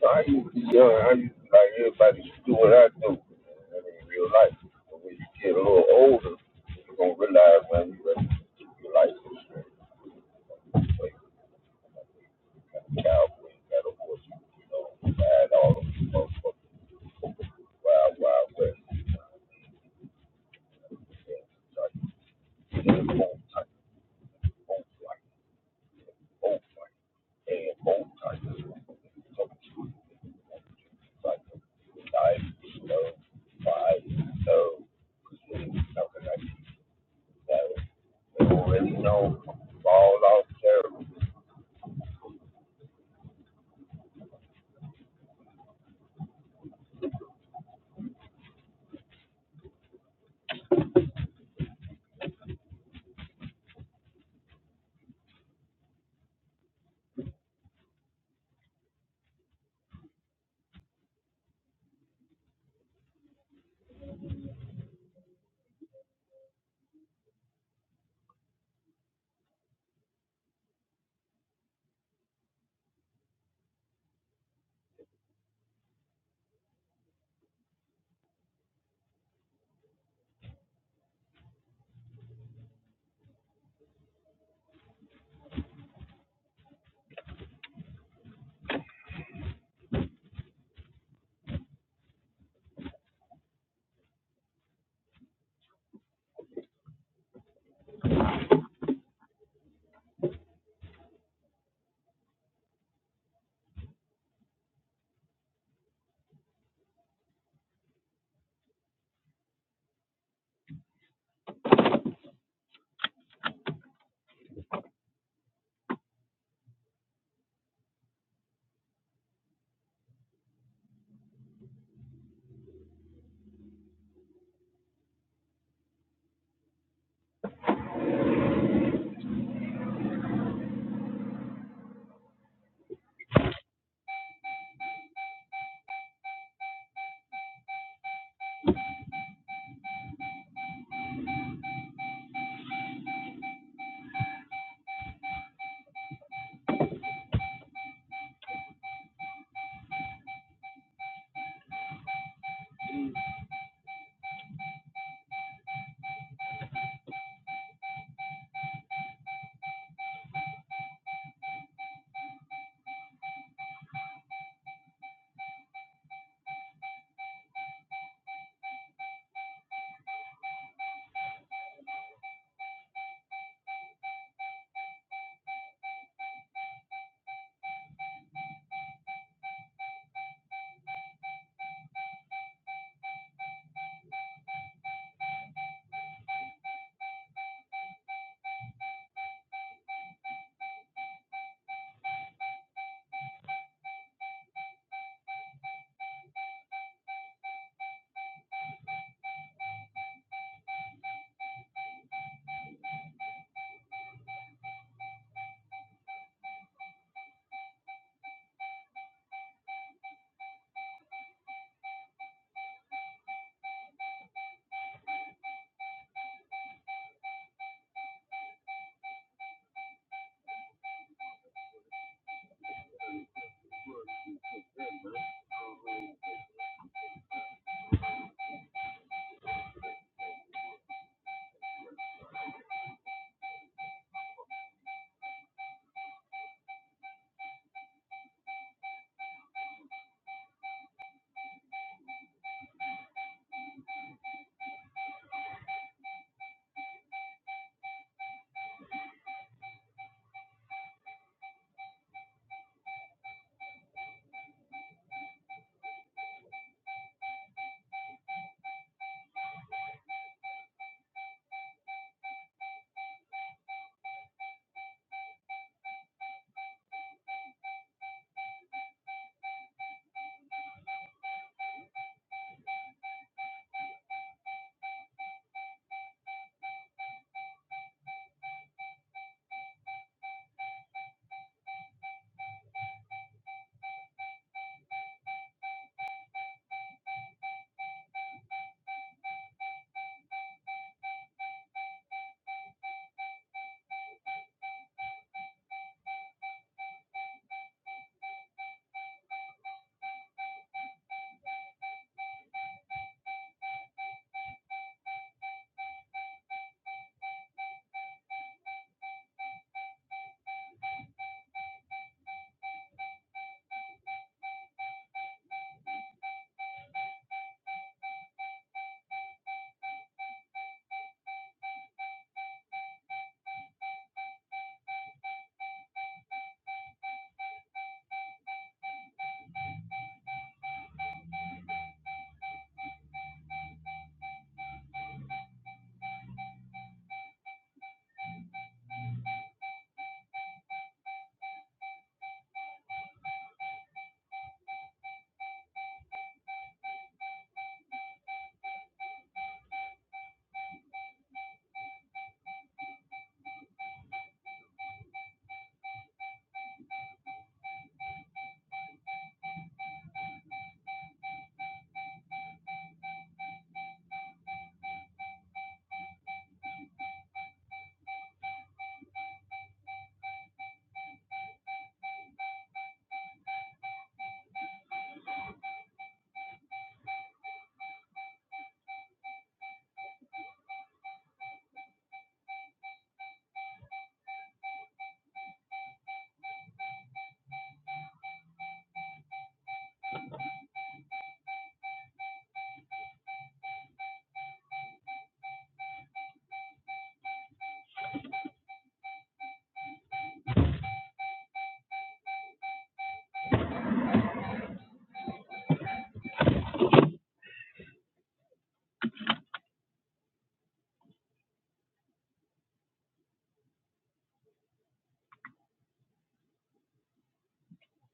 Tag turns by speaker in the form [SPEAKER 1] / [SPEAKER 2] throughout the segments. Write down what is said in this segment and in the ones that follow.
[SPEAKER 1] So I used to be young. I used to like everybody should do what I do man, in real life. But when you get a little older, you're gonna realize when you ready to do your life. So you don't really know fall off terrible.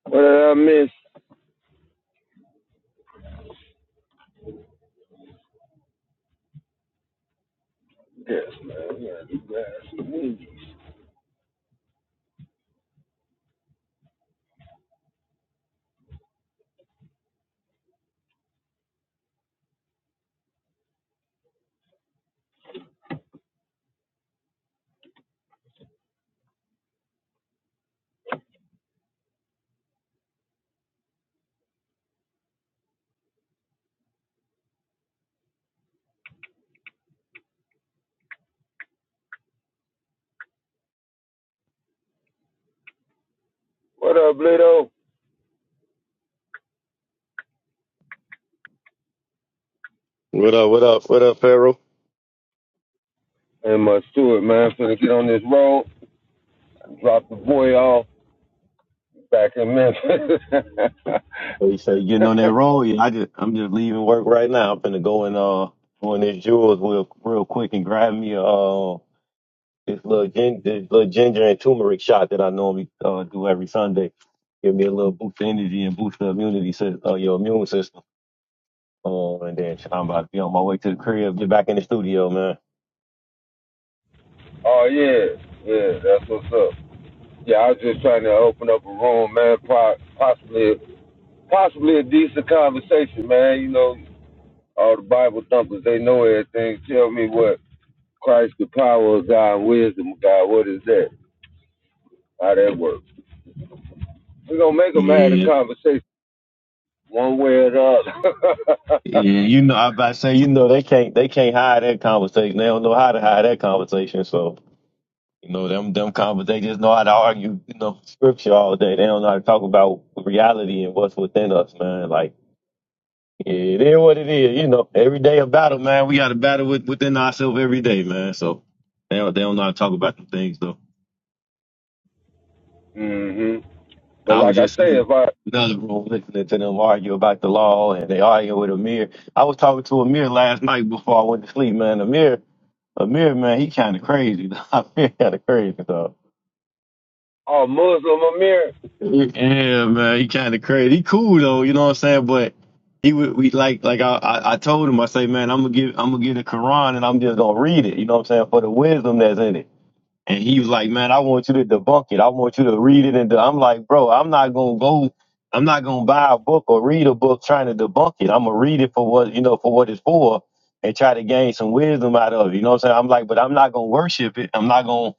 [SPEAKER 1] What did I miss? Yes, man. Yeah, you guys need you. What up, Lido?
[SPEAKER 2] What up? What up? What up, Pharaoh?
[SPEAKER 1] And my steward, man, finna get on this road, drop the boy off back in Memphis.
[SPEAKER 2] Hey, so you getting on that roll? Yeah, I just I'm just leaving work right now. I'm finna go and uh go in this jewels real real quick and grab me uh this little gin this little ginger and turmeric shot that I normally uh do every Sunday. Give me a little boost of energy and boost the immunity system, uh, your immune system. Um, and then I'm about to be on my way to the crib. Get back in the studio, man.
[SPEAKER 1] oh yeah, yeah, that's what's up. Yeah, I was just trying to open up a room, man. po- Possibly, possibly a decent conversation, man. You know, all the Bible thumpers, they know everything. Tell me what Christ, the power of God, wisdom of God, what is that? How that works? We're gonna make them have a
[SPEAKER 2] Yeah,
[SPEAKER 1] conversation one way or the other.
[SPEAKER 2] yeah. You know, I about to say you know they can't they can't hide that conversation. They don't know how to hide that conversation. So. You know, them them convers they just know how to argue, you know, scripture all day. They don't know how to talk about reality and what's within us, man. Like yeah, it is what it is, you know. Every day a battle, man. We got to battle with, within ourselves every day, man. So they don't, they don't know how to talk about them things though.
[SPEAKER 1] hmm But
[SPEAKER 2] I was
[SPEAKER 1] like I
[SPEAKER 2] just
[SPEAKER 1] say,
[SPEAKER 2] in
[SPEAKER 1] if I
[SPEAKER 2] another room listening to them argue about the law and they argue with Amir. I was talking to Amir last night before I went to sleep, man. Amir Amir, man, he kinda crazy. Amir kinda crazy, though.
[SPEAKER 1] are Muslim Amir,
[SPEAKER 2] Yeah, man, he kind of crazy. He cool though, you know what I'm saying? But he would we like like I, I I told him I say, man, I'm gonna give I'm gonna get the Quran and I'm just gonna read it, you know what I'm saying, for the wisdom that's in it. And he was like, man, I want you to debunk it. I want you to read it. And de-" I'm like, bro, I'm not gonna go. I'm not gonna buy a book or read a book trying to debunk it. I'm gonna read it for what you know for what it's for and try to gain some wisdom out of it. You know what I'm saying? I'm like, but I'm not gonna worship it. I'm not gonna.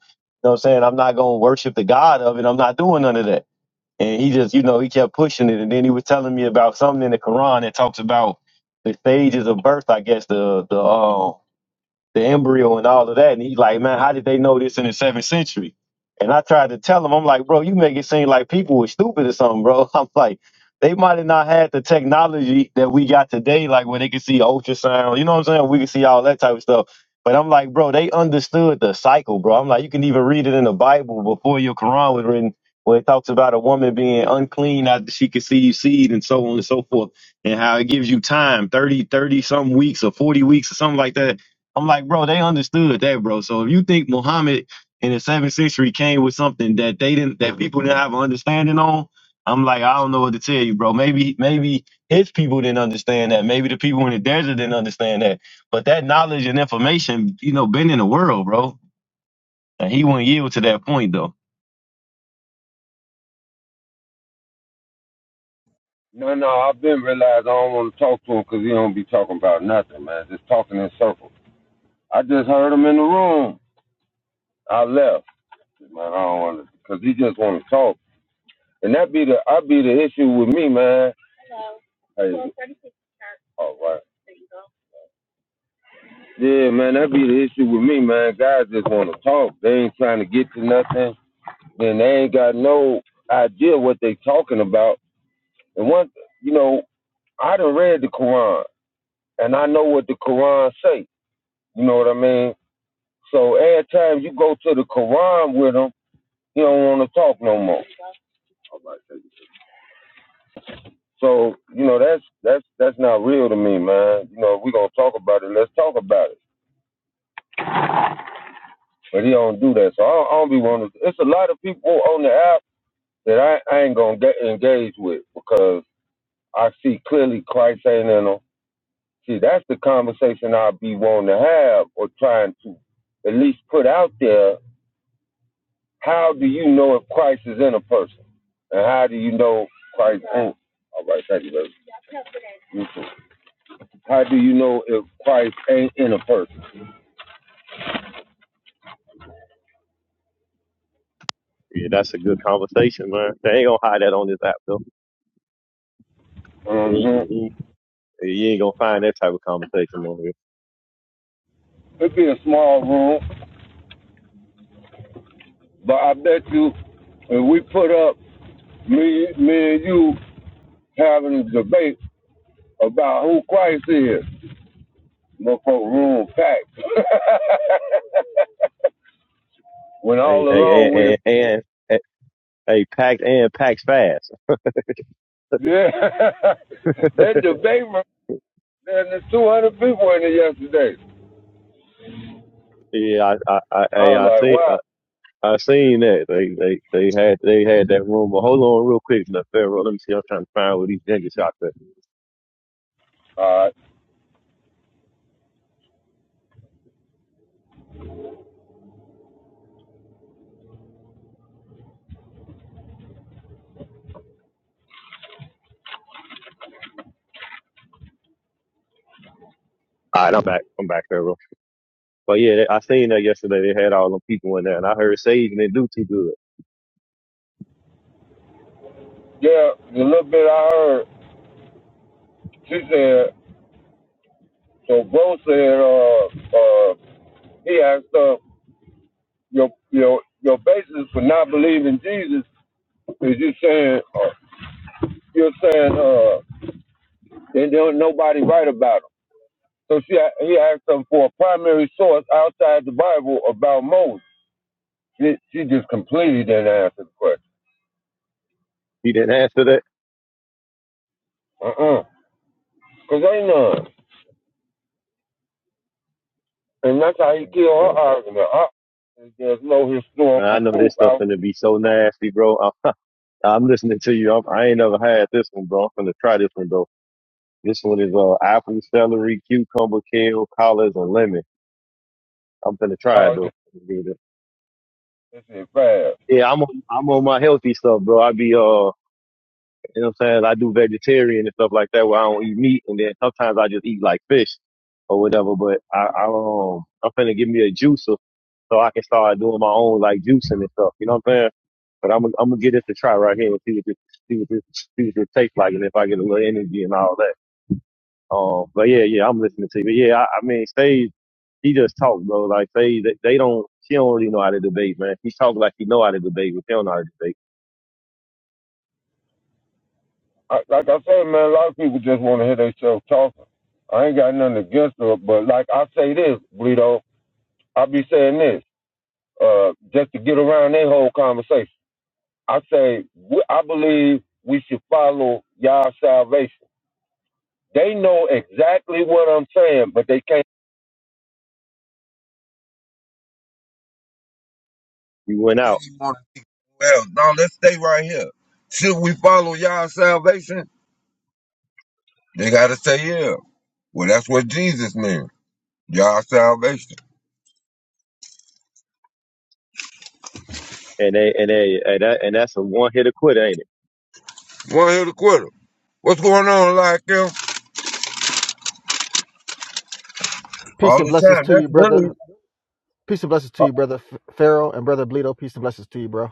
[SPEAKER 2] You know what I'm saying? I'm not gonna worship the God of it. I'm not doing none of that. And he just, you know, he kept pushing it. And then he was telling me about something in the Quran that talks about the stages of birth, I guess, the the um the embryo and all of that. And he's like, man, how did they know this in the seventh century? And I tried to tell him, I'm like, bro, you make it seem like people were stupid or something, bro. I'm like, they might have not had the technology that we got today, like where they could see ultrasound, you know what I'm saying? We could see all that type of stuff. But I'm like, bro, they understood the cycle, bro. I'm like, you can even read it in the Bible before your Quran was written, where it talks about a woman being unclean after she conceived seed and so on and so forth, and how it gives you time 30 30 some weeks or 40 weeks or something like that I'm like, bro, they understood that, bro. So if you think Muhammad in the seventh century came with something that they didn't, that people didn't have an understanding on, I'm like, I don't know what to tell you, bro. Maybe, maybe his people didn't understand that. Maybe the people in the desert didn't understand that. But that knowledge and information, you know, been in the world, bro. And he wouldn't yield to that point, though.
[SPEAKER 1] no, no, I've been realized I don't want to talk to him because he don't be talking about nothing, man. Just talking in circles. I just heard him in the room. I left, man. I don't want to, cause he just want to talk, and that be the I be the issue with me, man. Hey, all right, yeah, man, that be the issue with me, man. Guys just want to talk. They ain't trying to get to nothing, and they ain't got no idea what they talking about. And one, you know, I done read the Quran, and I know what the Quran say. You know what I mean? So every time you go to the Quran with them, he don't want to talk no more. So you know that's that's that's not real to me, man. You know if we gonna talk about it. Let's talk about it. But he don't do that, so I don't, I don't be wanting. To, it's a lot of people on the app that I, I ain't gonna get engaged with because I see clearly Christ ain't in them. See, that's the conversation I be wanting to have or trying to at least put out there. How do you know if Christ is in a person, and how do you know Christ? All right, thank you, baby. You too. How do you know if Christ ain't in a person?
[SPEAKER 2] Yeah, that's a good conversation, man. They ain't gonna hide that on this app, though. You
[SPEAKER 1] hmm
[SPEAKER 2] you- you- you ain't gonna find that type of conversation on here.
[SPEAKER 1] It'd be a small room, but I bet you if we put up me, me and you having a debate about who Christ is, motherfucker, room packed. when
[SPEAKER 2] Hey,
[SPEAKER 1] all
[SPEAKER 2] hey,
[SPEAKER 1] alone we,
[SPEAKER 2] and, and, and, hey, packed and packs fast.
[SPEAKER 1] yeah. then debate room, then there's 200 people in there yesterday.
[SPEAKER 2] Yeah, I I
[SPEAKER 1] I
[SPEAKER 2] I,
[SPEAKER 1] was
[SPEAKER 2] I I
[SPEAKER 1] like,
[SPEAKER 2] seen
[SPEAKER 1] wow.
[SPEAKER 2] I, I seen that they they they had they had that rumor. Hold on, real quick, now, Pharaoh. Let me see. I'm trying to find where these niggas out there.
[SPEAKER 1] All right.
[SPEAKER 2] All right, I'm back, Pharaoh. But you didn't do too good.
[SPEAKER 1] Yeah, the little bit I heard, she said, so Bo said, uh, uh, he asked her, your your your basis for not believing Jesus is you saying uh, you're saying uh they don't nobody write about him. So she a- he asked her for a primary source outside the Bible about Moses. She, she just completely didn't answer the question.
[SPEAKER 2] You didn't answer that.
[SPEAKER 1] Uh-uh. Cause ain't none. And that's how he killed
[SPEAKER 2] Uh,
[SPEAKER 1] her argument. Her, and there's no
[SPEAKER 2] Man, I
[SPEAKER 1] historical
[SPEAKER 2] know this
[SPEAKER 1] proof
[SPEAKER 2] stuff
[SPEAKER 1] out
[SPEAKER 2] gonna be so nasty, bro. I'm, I'm listening to you. I'm, I ain't never had this one, bro. I'm gonna try this one though. This one is uh apple, celery, cucumber, kale, collards, and lemon. I'm gonna try it
[SPEAKER 1] out of
[SPEAKER 2] though.
[SPEAKER 1] it fast.
[SPEAKER 2] Yeah, I'm on, I'm on my healthy stuff, bro. I be uh. You know what I'm saying? I do vegetarian and stuff like that where I don't eat meat and then sometimes I just eat like fish or whatever, but I, I um I'm finna give me a juicer so I can start doing my own like juicing and stuff. You know what I'm saying? But I'm I'm gonna get this a try right here and see what this see what this see what this tastes like and if I get a little energy and all that. Um but yeah, yeah, I'm listening to you. But yeah, I, I mean Sage he just talk, bro. Like they they they don't she don't really know how to debate, man. He talk like he know how to debate, but he don't know how to debate.
[SPEAKER 1] I, like I say, man, a lot of people just want to hear themselves talking. I ain't got nothing against her, but like I say this, Bleedo, I be saying this, uh, just to get around that whole conversation. I say, we, I believe we should follow y'all salvation. They know exactly what I'm saying, but they can't.
[SPEAKER 2] We went out
[SPEAKER 1] Well, now let's stay right here. Should we follow y'all salvation? They gotta say yeah. Well, that's what Jesus means. Y'all salvation.
[SPEAKER 2] and they and they and that and that's a one hitter quitter. ain't it?
[SPEAKER 1] One here to quit it. What's going on, like him?
[SPEAKER 3] Peace
[SPEAKER 1] All
[SPEAKER 3] and
[SPEAKER 1] the
[SPEAKER 3] blessings
[SPEAKER 1] time.
[SPEAKER 3] to you, brother. Peace and blessings to you, brother Pharaoh and brother Bleedo. Peace and blessings to you, bro.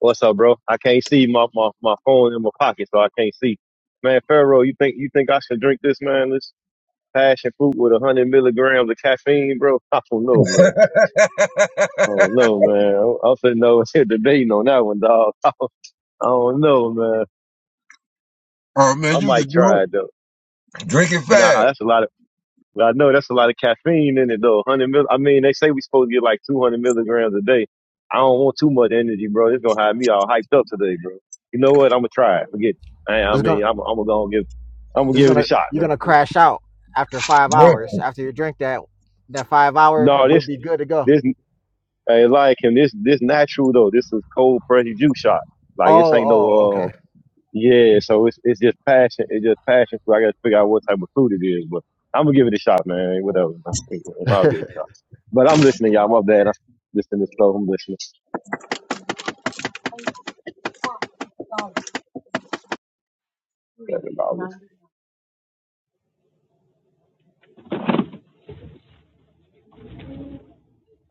[SPEAKER 2] What's up, bro? I can't see my, my, my phone in my pocket, so I can't see. Man, Pharaoh, you think you think I should drink this, man? This passion fruit with a hundred milligrams of caffeine, bro? I don't know, man.
[SPEAKER 1] That's
[SPEAKER 2] I
[SPEAKER 1] really.
[SPEAKER 2] don't know, man. I- I'm sitting over here debating on that one, dog. I don't, I don't know, man.
[SPEAKER 1] oh man,
[SPEAKER 2] I
[SPEAKER 1] you
[SPEAKER 2] might
[SPEAKER 1] can do
[SPEAKER 2] try it though.
[SPEAKER 1] it. Drink it
[SPEAKER 2] Nah,
[SPEAKER 1] fast.
[SPEAKER 2] that's a lot of. But I know that's a lot of caffeine in it though. Hundred mil. I mean, they say we supposed to get like two hundred milligrams a day. I don't want too much energy, bro. It's gonna have me all hyped up today, bro. You know what? I'm gonna try it. Forget. It. I, I
[SPEAKER 3] It's
[SPEAKER 2] mean,
[SPEAKER 3] gonna,
[SPEAKER 2] I'm, I'm gonna give. I'm gonna
[SPEAKER 3] it's
[SPEAKER 2] give it a
[SPEAKER 3] gonna,
[SPEAKER 2] shot,
[SPEAKER 3] you're
[SPEAKER 2] man.
[SPEAKER 3] gonna crash out after five
[SPEAKER 1] Yeah.
[SPEAKER 3] hours. After you drink that, that five hour,
[SPEAKER 2] No,
[SPEAKER 3] you'll
[SPEAKER 2] this
[SPEAKER 3] be good to go.
[SPEAKER 2] this I like him. This this natural though. This is cold pressed juice shot. Like this
[SPEAKER 3] Oh,
[SPEAKER 2] ain't no
[SPEAKER 3] oh,
[SPEAKER 2] uh,
[SPEAKER 3] okay.
[SPEAKER 2] Yeah, so it's it's just passion. It's just passion. So I got to figure out what type of food it is. But I'm gonna give it a shot, man. Hey, Whatever. I'll give it a shot. But I'm listening, y'all. My bad. I'm listening to stuff. I'm listening.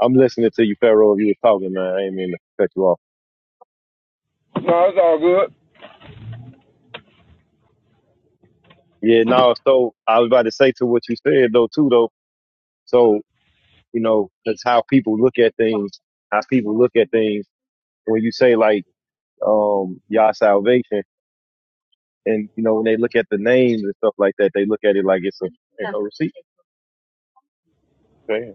[SPEAKER 2] I'm listening to you, Pharaoh. You were talking, man. I ain't mean to cut you off.
[SPEAKER 1] No, it's all good.
[SPEAKER 2] Yeah, no. So I was about to say to what you said though, too, though. So you know, that's how people look at things. How people look at things when you say like, um, y'all salvation, and you know, when they look at the names and stuff like that, they look at it like it's a, you know, receipt. Okay.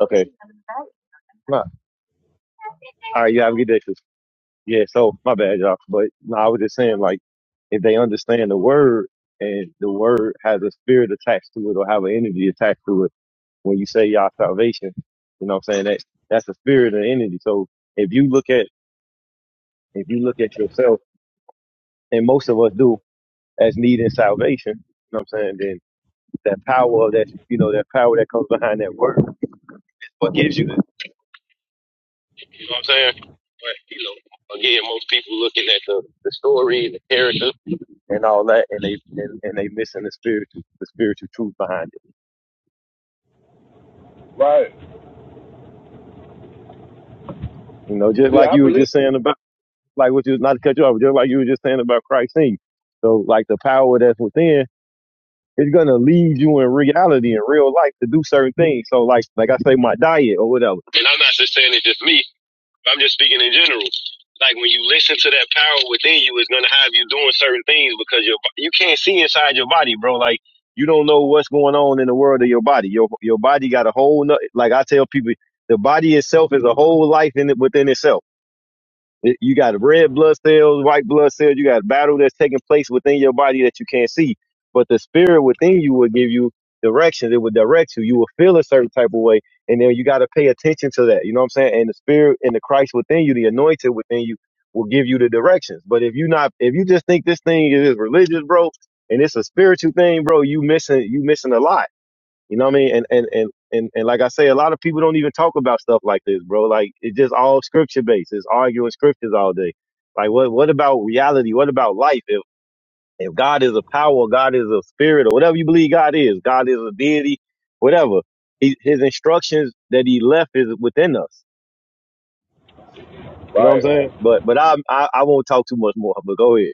[SPEAKER 2] Okay. Nah. All right, you have a good day. sis. Yeah, so my bad, y'all. But no, I was just saying, like, if they understand the word and the word has a spirit attached to it or have an energy attached to it, when you say y'all salvation, you know what I'm saying? That that's a spirit and energy. So if you look at if you look at yourself, and most of us do as needing salvation, you know what I'm saying, then that power of that you know, that power that comes behind that word is what gives you the, the, the spirit and all that, and they and, and they missing the spiritual the spiritual truth behind it.
[SPEAKER 1] Right.
[SPEAKER 2] You know, just
[SPEAKER 1] See,
[SPEAKER 2] like
[SPEAKER 1] I
[SPEAKER 2] you were
[SPEAKER 1] believe.
[SPEAKER 2] just saying about like what you not to cut you off, but just like you were just saying about Christ in you. So like the power that's within is gonna lead you in reality in real life to do certain things. So like like I say, my diet or whatever. And I'm not just just saying it's just me. I'm just speaking in general. Like when you listen to that power within you, it's gonna have you doing certain things because your bo- you can't see inside your body, bro. Like you don't know what's going on in the world of your body. Your your body got a whole no, like I tell people, the body itself is a whole life in it within itself. It- You got red blood cells, white blood cells. You got a battle that's taking place within your body that you can't see, but the spirit within you will give you directions. It will direct you. You will feel a certain type of way, and then you got to pay attention to that. You know what I'm saying? And the spirit and the Christ within you, the anointed within you, will give you the directions. But if you not, if you just think this thing is religious, bro, and it's a spiritual thing, bro, you missing you missing a lot. You know what I mean? And and and and, and like I say, a lot of people don't even talk about stuff like this, bro. Like it's just all scripture based. It's arguing scriptures all day. Like what what about reality? What about life? If if God is a power, God is a spirit, or whatever you believe God is, God is a deity, whatever. He, his instructions that he left is within us. You know what I'm
[SPEAKER 1] Right.
[SPEAKER 2] saying? But but I I, I won't talk too much more. But go ahead.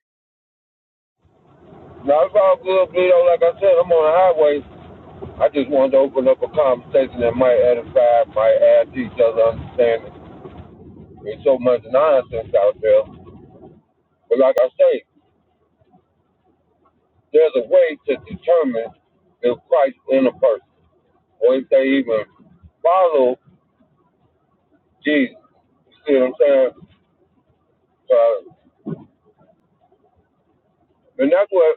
[SPEAKER 1] Now, it's all good, Pluto. Like I said, I'm on the highway. I just wanted to open up a conversation that might edify, might add to each other's understanding. There's so much nonsense out there. But like I say, there's a way to determine if Christ in a person or if they even follow Jesus. You see what I'm saying? Uh, and that's what,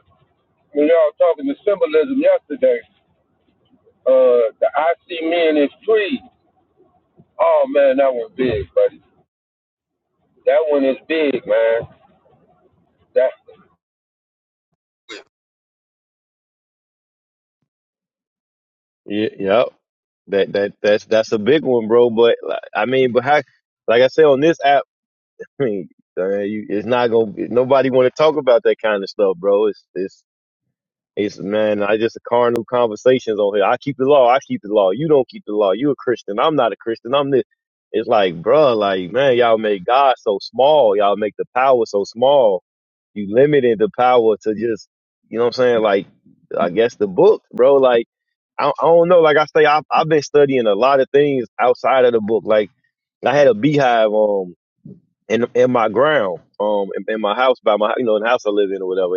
[SPEAKER 1] when y'all talking to symbolism yesterday, uh, the I see men as trees. Oh man, that one's big, buddy. That one is big, man. That I
[SPEAKER 2] Yeah, yep. That that that's that's a big one, bro. But like, I mean, but how? Like I said on this app. Hey, Man, you, it's not gonna. Nobody want to talk about that kind of stuff, bro. It's it's it's man. I just a carnal conversations on here. I keep the law. I keep the law. You don't keep the law. You a Christian. I'm not a Christian. I'm this. It's like, bro. like man, y'all make God so small. Y'all make the power so small. You limited the power to just, you know what I'm saying? Like, I guess the book, bro. Like, I, I don't know. Like I say, I, I've been studying a lot of things outside of the book. Like, I had a beehive on in in my ground, um, in, in my house by my you know in the house I live in or whatever,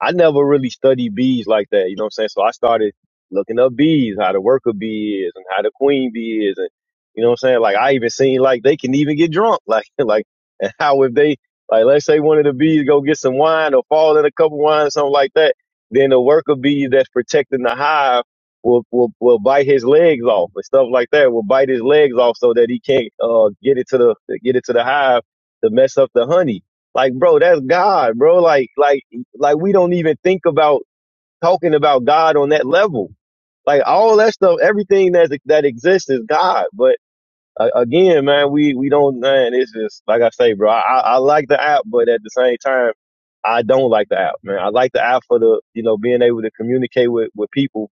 [SPEAKER 2] I never really studied bees like that, you know what I'm saying? So I started looking up bees, how the worker bee is and how the queen bee is and you know what I'm saying? Like I even seen like they can even get drunk. Like like and how if they like let's say one of the bees go get some wine or fall in a cup of wine or something like that, then the worker bee that's protecting the hive will will, will bite his legs off and stuff like that, will bite his legs off so that he can't uh get it to the get it to the hive to mess up the honey. Like bro, that's God, bro. Like like like we don't even think about talking about God on that level. Like all that stuff, everything that that exists is God. But uh, again, man, we we don't. Man, it's just like I say, bro. I, I I like the app, but at the same time, I don't like the app, man. I like the app for the you know being able to communicate with with people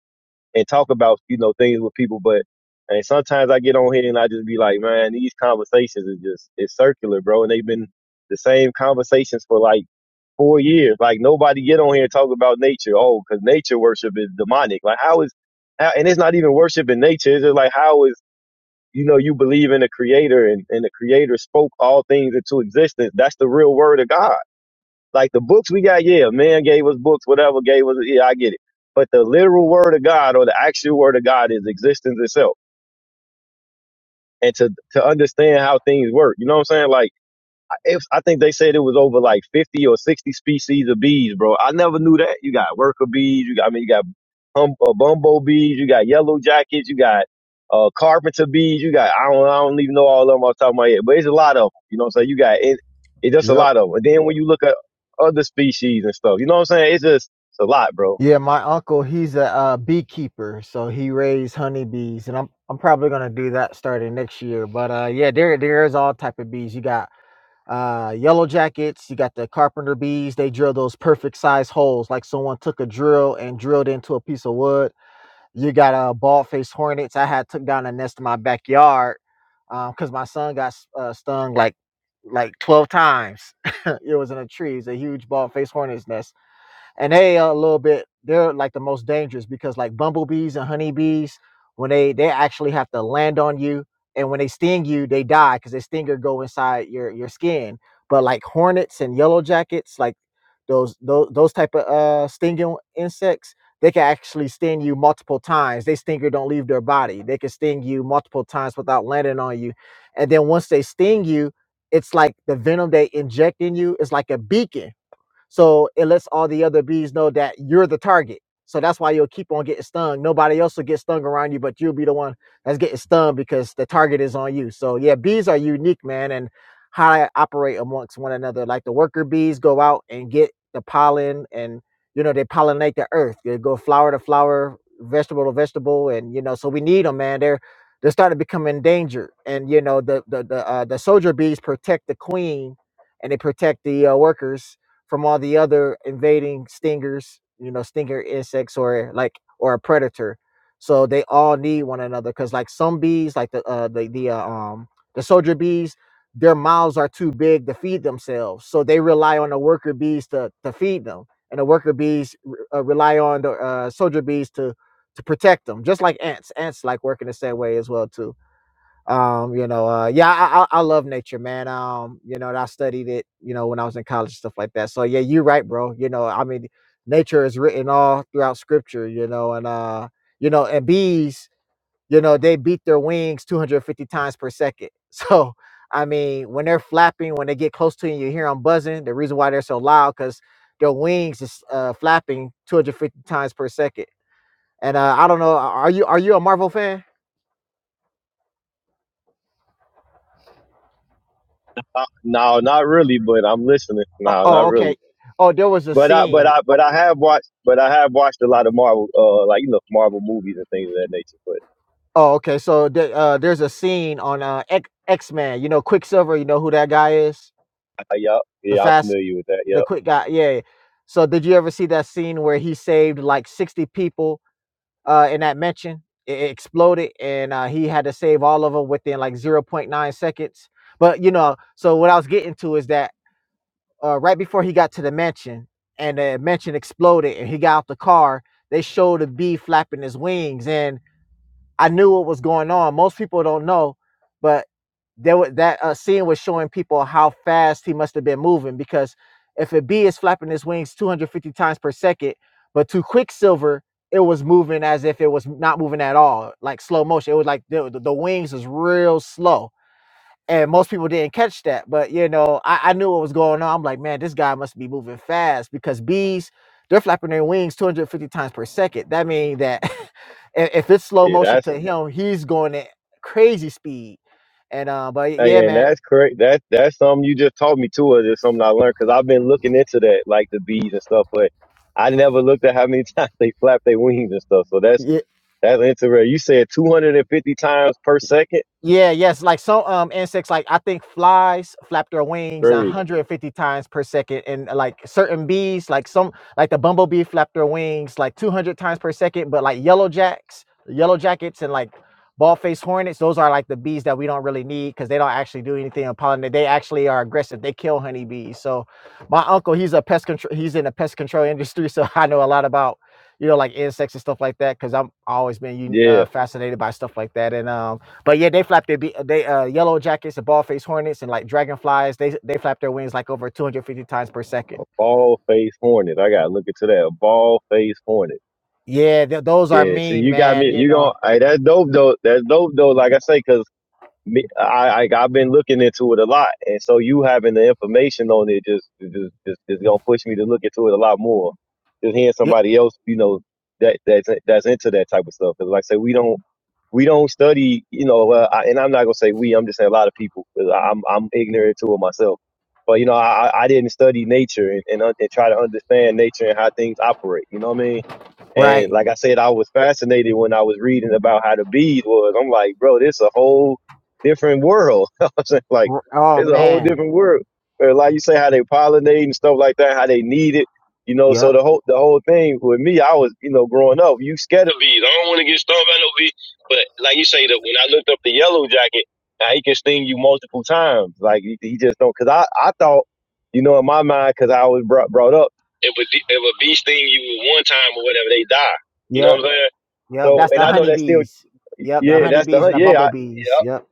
[SPEAKER 2] and talk about you know things with people, but. And sometimes I get on here and I just be like, man, these conversations are just, it's circular, bro. And they've been the same conversations for like four years. Like nobody get on here and talk about nature. Oh, because nature worship is demonic. Like how is, how, and it's not even worship in nature. It's just like how is you know you believe in a creator and and the creator spoke all things into existence. That's the real word of God. Like the books we got, yeah, man gave us books, whatever gave us, yeah, I get it. But the literal word of God or the actual word of God is existence itself. And to to understand how things work, you know what I'm saying? Like If I think they said it was over like fifty or sixty species of bees, bro. I never knew that. You got worker bees. You got, I mean, you got hum, uh, bumbo bees. You got yellow jackets. You got uh, carpenter bees. You got I don't I don't even know all of them off the top of my head, but it's a lot of them. You know what I'm saying? You got it. It's just a
[SPEAKER 3] Yep.
[SPEAKER 2] lot of them. And then when you look at other species and stuff, you know what I'm saying? It's just it's a lot, bro.
[SPEAKER 3] Yeah, my uncle, he's a uh, beekeeper, so he raised honeybees, and I'm I'm probably gonna do that starting next year. But uh, yeah, there there's all type of bees. You got uh yellow jackets you got the carpenter bees they drill those perfect size holes like someone took a drill and drilled into a piece of wood you got a uh bald faced hornets i had took down a nest in my backyard um because my son got uh, stung like like 12 times it was in a tree it's a huge bald faced hornet's nest and they are a little bit they're like the most dangerous because like bumblebees and honeybees when they they actually have to land on you and when they sting you they die because their stinger go inside your your skin but like hornets and yellow jackets like those those, those type of uh stinging insects they can actually sting you multiple times they stinger don't leave their body they can sting you multiple times without landing on you and then once they sting you it's like the venom they inject in you is like a beacon so it lets all the other bees know that you're the target. So that's why you'll keep on getting stung. Nobody else will get stung around you, but you'll be the one that's getting stung because the target is on you. So yeah, bees are unique, man, and how they operate amongst one another. Like the worker bees go out and get the pollen and you know, they pollinate the earth. They go flower to flower, vegetable to vegetable, and you know, so we need them, man. They're they started becoming endangered, and you know, the the the uh, the soldier bees protect the queen, and they protect the uh, workers, from all the other invading stingers, you know, stinger insects or like or a predator. So they all need one another because like some bees, like the uh, the the uh, um the soldier bees, their mouths are too big to feed themselves, so they rely on the worker bees to to feed them, and the worker bees re- uh, rely on the uh, soldier bees to to protect them, just like ants. Ants like working the same way as well too um you know uh yeah I, I i love nature man um you know and i studied it you know when i was in college stuff like that so yeah you're right bro you know i mean nature is written all throughout scripture you know and uh you know and bees you know they beat their wings 250 times per second so i mean when they're flapping when they get close to you you hear them buzzing the reason why they're so loud because their wings is uh flapping 250 times per second and uh i don't know are you are you a marvel fan
[SPEAKER 2] No, not really, but I'm listening.
[SPEAKER 3] oh
[SPEAKER 2] No, not
[SPEAKER 3] oh, okay
[SPEAKER 2] really.
[SPEAKER 3] oh there was a
[SPEAKER 2] But I,
[SPEAKER 3] scene
[SPEAKER 2] but I, but I have watched, but I have watched a lot of Marvel, uh, like you know, Marvel movies and things of that nature. But
[SPEAKER 3] Oh, okay. So the- uh, there's a scene on uh, X Men. You know, Quicksilver. You know who that guy is?
[SPEAKER 2] Uh, Yep.
[SPEAKER 3] The
[SPEAKER 2] Yeah, I'm
[SPEAKER 3] fast,
[SPEAKER 2] familiar with that. Yep.
[SPEAKER 3] the quick guy. Yeah. yeah. So did you ever see that scene where he saved like sixty people uh, in that mansion? It it exploded, and uh, he had to save all of them within like zero point nine seconds. But you know, so what I was getting to is that uh, right before he got to the mansion, and the mansion exploded, and he got out the car, they showed a bee flapping his wings, and I knew what was going on. Most people don't know, but there was that uh, scene was showing people how fast he must have been moving because if a bee is flapping its wings 250 times per second, but to Quicksilver it was moving as if it was not moving at all, like slow motion. It was like the, the wings was real slow and most people didn't catch that. But you know, I, I knew what was going on. I'm like, man, this guy must be moving fast because bees they're flapping their wings 250 times per second. That means that i- if it's slow
[SPEAKER 2] Yeah,
[SPEAKER 3] motion
[SPEAKER 2] that's
[SPEAKER 3] to him, he's going at crazy speed. And uh, but yeah,
[SPEAKER 2] hey, and
[SPEAKER 3] man,
[SPEAKER 2] that's correct. That that's something you just taught me too. Is it's something I learned because I've been looking into that, like the bees and stuff. But I never looked at how many times they flap their wings and stuff. So that's
[SPEAKER 3] yeah.
[SPEAKER 2] that's interesting. You said 250 times per second.
[SPEAKER 3] Yeah, yes. Like some um insects, like I think flies flap their wings
[SPEAKER 2] Crazy.
[SPEAKER 3] 150 times per second, and uh, like certain bees, like some like the bumblebee flap their wings like 200 times per second. But like yellow jacks, yellow jackets, and like bald faced hornets, those are like the bees that we don't really need because they don't actually do anything on pollinate. They actually are aggressive. They kill honeybees. So my uncle, he's a pest control. He's in the pest control industry, so I know a lot about you know like insects and stuff like that because I'm always been un-
[SPEAKER 2] Yeah.
[SPEAKER 3] uh, fascinated by stuff like that and um but yeah, they flap their be- they uh yellow jackets and ball face hornets and like dragonflies. They they flap their wings like over 250 times per second.
[SPEAKER 2] Ball face hornet. I gotta look into that. Ball face hornet.
[SPEAKER 3] Yeah, th- those are
[SPEAKER 2] Yeah. See,
[SPEAKER 3] mean,
[SPEAKER 2] you got me.
[SPEAKER 3] man. You
[SPEAKER 2] You
[SPEAKER 3] know.
[SPEAKER 2] going to Hey, that's dope though. That's dope though. Like I say, 'cause me, I, I I've been looking into it a lot, and so you having the information on it just just just, just gonna push me to look into it a lot more. Just hearing
[SPEAKER 3] Yeah.
[SPEAKER 2] somebody else, you know, that that's that's into that type of stuff. 'Cause like I say, we don't we don't study, you know, uh, I, and I'm not gonna say we. I'm just saying a lot of people. 'cause I- I'm I'm ignorant to it myself. But you know, I I I didn't study nature and and, un- and try to understand nature and how things operate. You know what I mean? And
[SPEAKER 3] Right.
[SPEAKER 2] like I said, I was fascinated when I was reading about how the bees was. I'm like, bro, this a whole different world. I was like, like,
[SPEAKER 3] R- Oh
[SPEAKER 2] it's a whole
[SPEAKER 3] man.
[SPEAKER 2] different world. But like you say, how they pollinate and stuff like that, how they need it, you know. So
[SPEAKER 3] Yep.
[SPEAKER 2] the whole the whole thing with me, I was, you know, growing up, you scared of bees. I don't want to get stung by no bees. But like you say, that when I looked up the yellow jacket, now he can sting you multiple times. Like he, he just don't. Cause I I thought, you know, in my mind, cause I was brought brought up if a if a bee sting you one time or whatever, they die. You know what
[SPEAKER 3] Yep.
[SPEAKER 2] I'm saying?
[SPEAKER 3] Yep.
[SPEAKER 2] So,
[SPEAKER 3] That's
[SPEAKER 2] and
[SPEAKER 3] the
[SPEAKER 2] I know that's still,
[SPEAKER 3] honeybees. Yep. The
[SPEAKER 2] yeah, that's the
[SPEAKER 3] honeybees and
[SPEAKER 2] hunt.
[SPEAKER 3] the
[SPEAKER 2] Yeah, I,
[SPEAKER 3] bumblebees.
[SPEAKER 2] yeah,
[SPEAKER 3] Yep.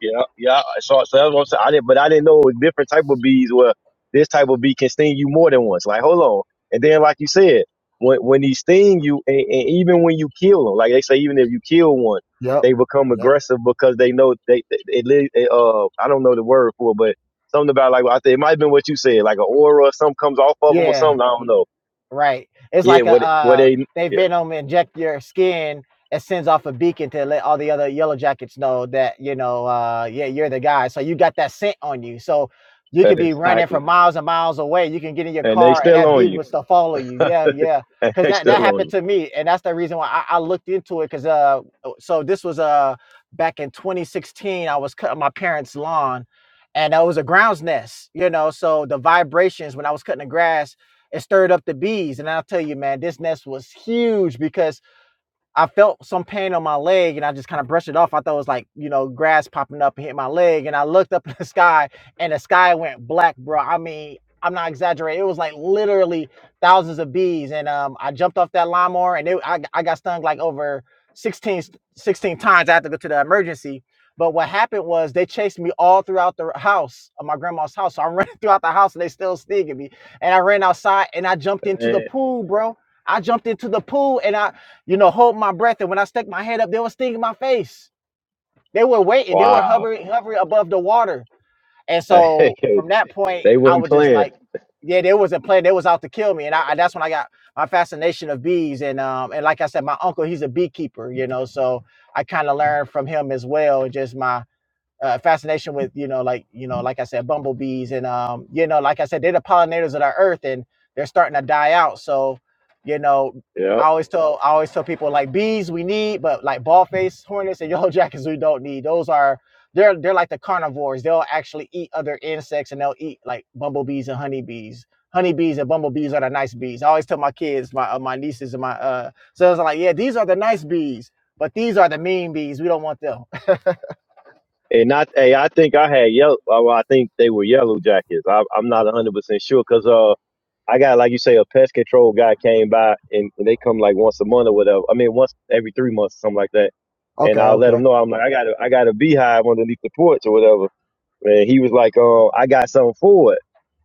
[SPEAKER 2] yeah, yeah. So, so that's what I'm saying. I didn't, but I didn't know it was different type of bees where this type of bee can sting you more than once. Like, hold on. And then, like you said, when when they sting you, and, and even when you kill them, like they say, even if you kill one,
[SPEAKER 3] Yep.
[SPEAKER 2] they become aggressive because they know they, they it, li- it, uh, I don't know the word for it, but something about like I think it might have been what you said, like an aura or something comes off of them or
[SPEAKER 3] Yeah.
[SPEAKER 2] something. I don't know
[SPEAKER 3] Right. It's
[SPEAKER 2] yeah,
[SPEAKER 3] like a
[SPEAKER 2] what what
[SPEAKER 3] uh
[SPEAKER 2] they
[SPEAKER 3] they
[SPEAKER 2] yeah,
[SPEAKER 3] venom inject your skin It sends off a beacon to let all the other yellow jackets know that, you know, uh yeah, you're the guy. So you got that scent on you. So you could be running for
[SPEAKER 2] exactly,
[SPEAKER 3] miles and miles away. You can get in your
[SPEAKER 2] and they
[SPEAKER 3] car and
[SPEAKER 2] still
[SPEAKER 3] that
[SPEAKER 2] on
[SPEAKER 3] beat
[SPEAKER 2] you.
[SPEAKER 3] would still follow you. Yeah, yeah. Cause
[SPEAKER 2] they
[SPEAKER 3] that, that
[SPEAKER 2] still on
[SPEAKER 3] happened
[SPEAKER 2] you.
[SPEAKER 3] to me. And that's the reason why I, I looked into it. Cause uh oh, so this was uh back in 2016, I was cutting my parents' lawn and uh, it was a ground's nest, you know. So the vibrations when I was cutting the grass it stirred up the bees. And I'll tell you, man, this nest was huge because I felt some pain on my leg and I just kind of brushed it off. I thought it was like, you know, grass popping up and hit my leg. And I looked up in the sky and the sky went black, bro. I mean, I'm not exaggerating. It was like literally thousands of bees. And um, I jumped off that lawnmower and it, I, I got stung like over 16 16 times. I had to go to the emergency. But what happened was they chased me all throughout the house, uh, my grandma's house. So I'm running throughout the house and they still stinging me. And I ran outside and I jumped into the
[SPEAKER 2] And,
[SPEAKER 3] pool, bro. I jumped into the pool and I you know, hold my breath. And when I stuck my head up, they were stinging my face. They were waiting. They were
[SPEAKER 2] wow,
[SPEAKER 3] hovering, hovering above the water. And
[SPEAKER 2] they
[SPEAKER 3] so from that point, I
[SPEAKER 2] weren't
[SPEAKER 3] was just
[SPEAKER 2] playing.
[SPEAKER 3] like, yeah, there was a plan. They was out to kill me. And I, I- that's when I got my fascination of bees. And um, and like I said, my uncle, he's a beekeeper, you know, so I kind of learned from him as well. Just my uh, fascination with you know like you know like I said bumblebees and um you know like I said they're the pollinators of our earth and they're starting to die out so you know I
[SPEAKER 2] Yep.
[SPEAKER 3] always tell I always tell people like bees we need but like ball face hornets and yellow jackets we don't need those are they're they're like the carnivores they'll actually eat other insects and they'll eat like bumblebees and honeybees honeybees and bumblebees are the nice bees I always tell my kids my uh, my nieces and my uh sons I'm like yeah these are the nice bees but these are the mean bees we don't want them
[SPEAKER 2] And I, hey, I think I had yellow. Well, I think they were yellow jackets. I, I'm not 100 percent sure because uh, I got like you say a pest control guy came by and, and they come like once a month or whatever. I mean, once every three months, something like that. And
[SPEAKER 3] okay
[SPEAKER 2] I let
[SPEAKER 3] okay
[SPEAKER 2] him know I'm like I got a, I got a beehive underneath the porch or whatever. And he was like, uh, I got something for it.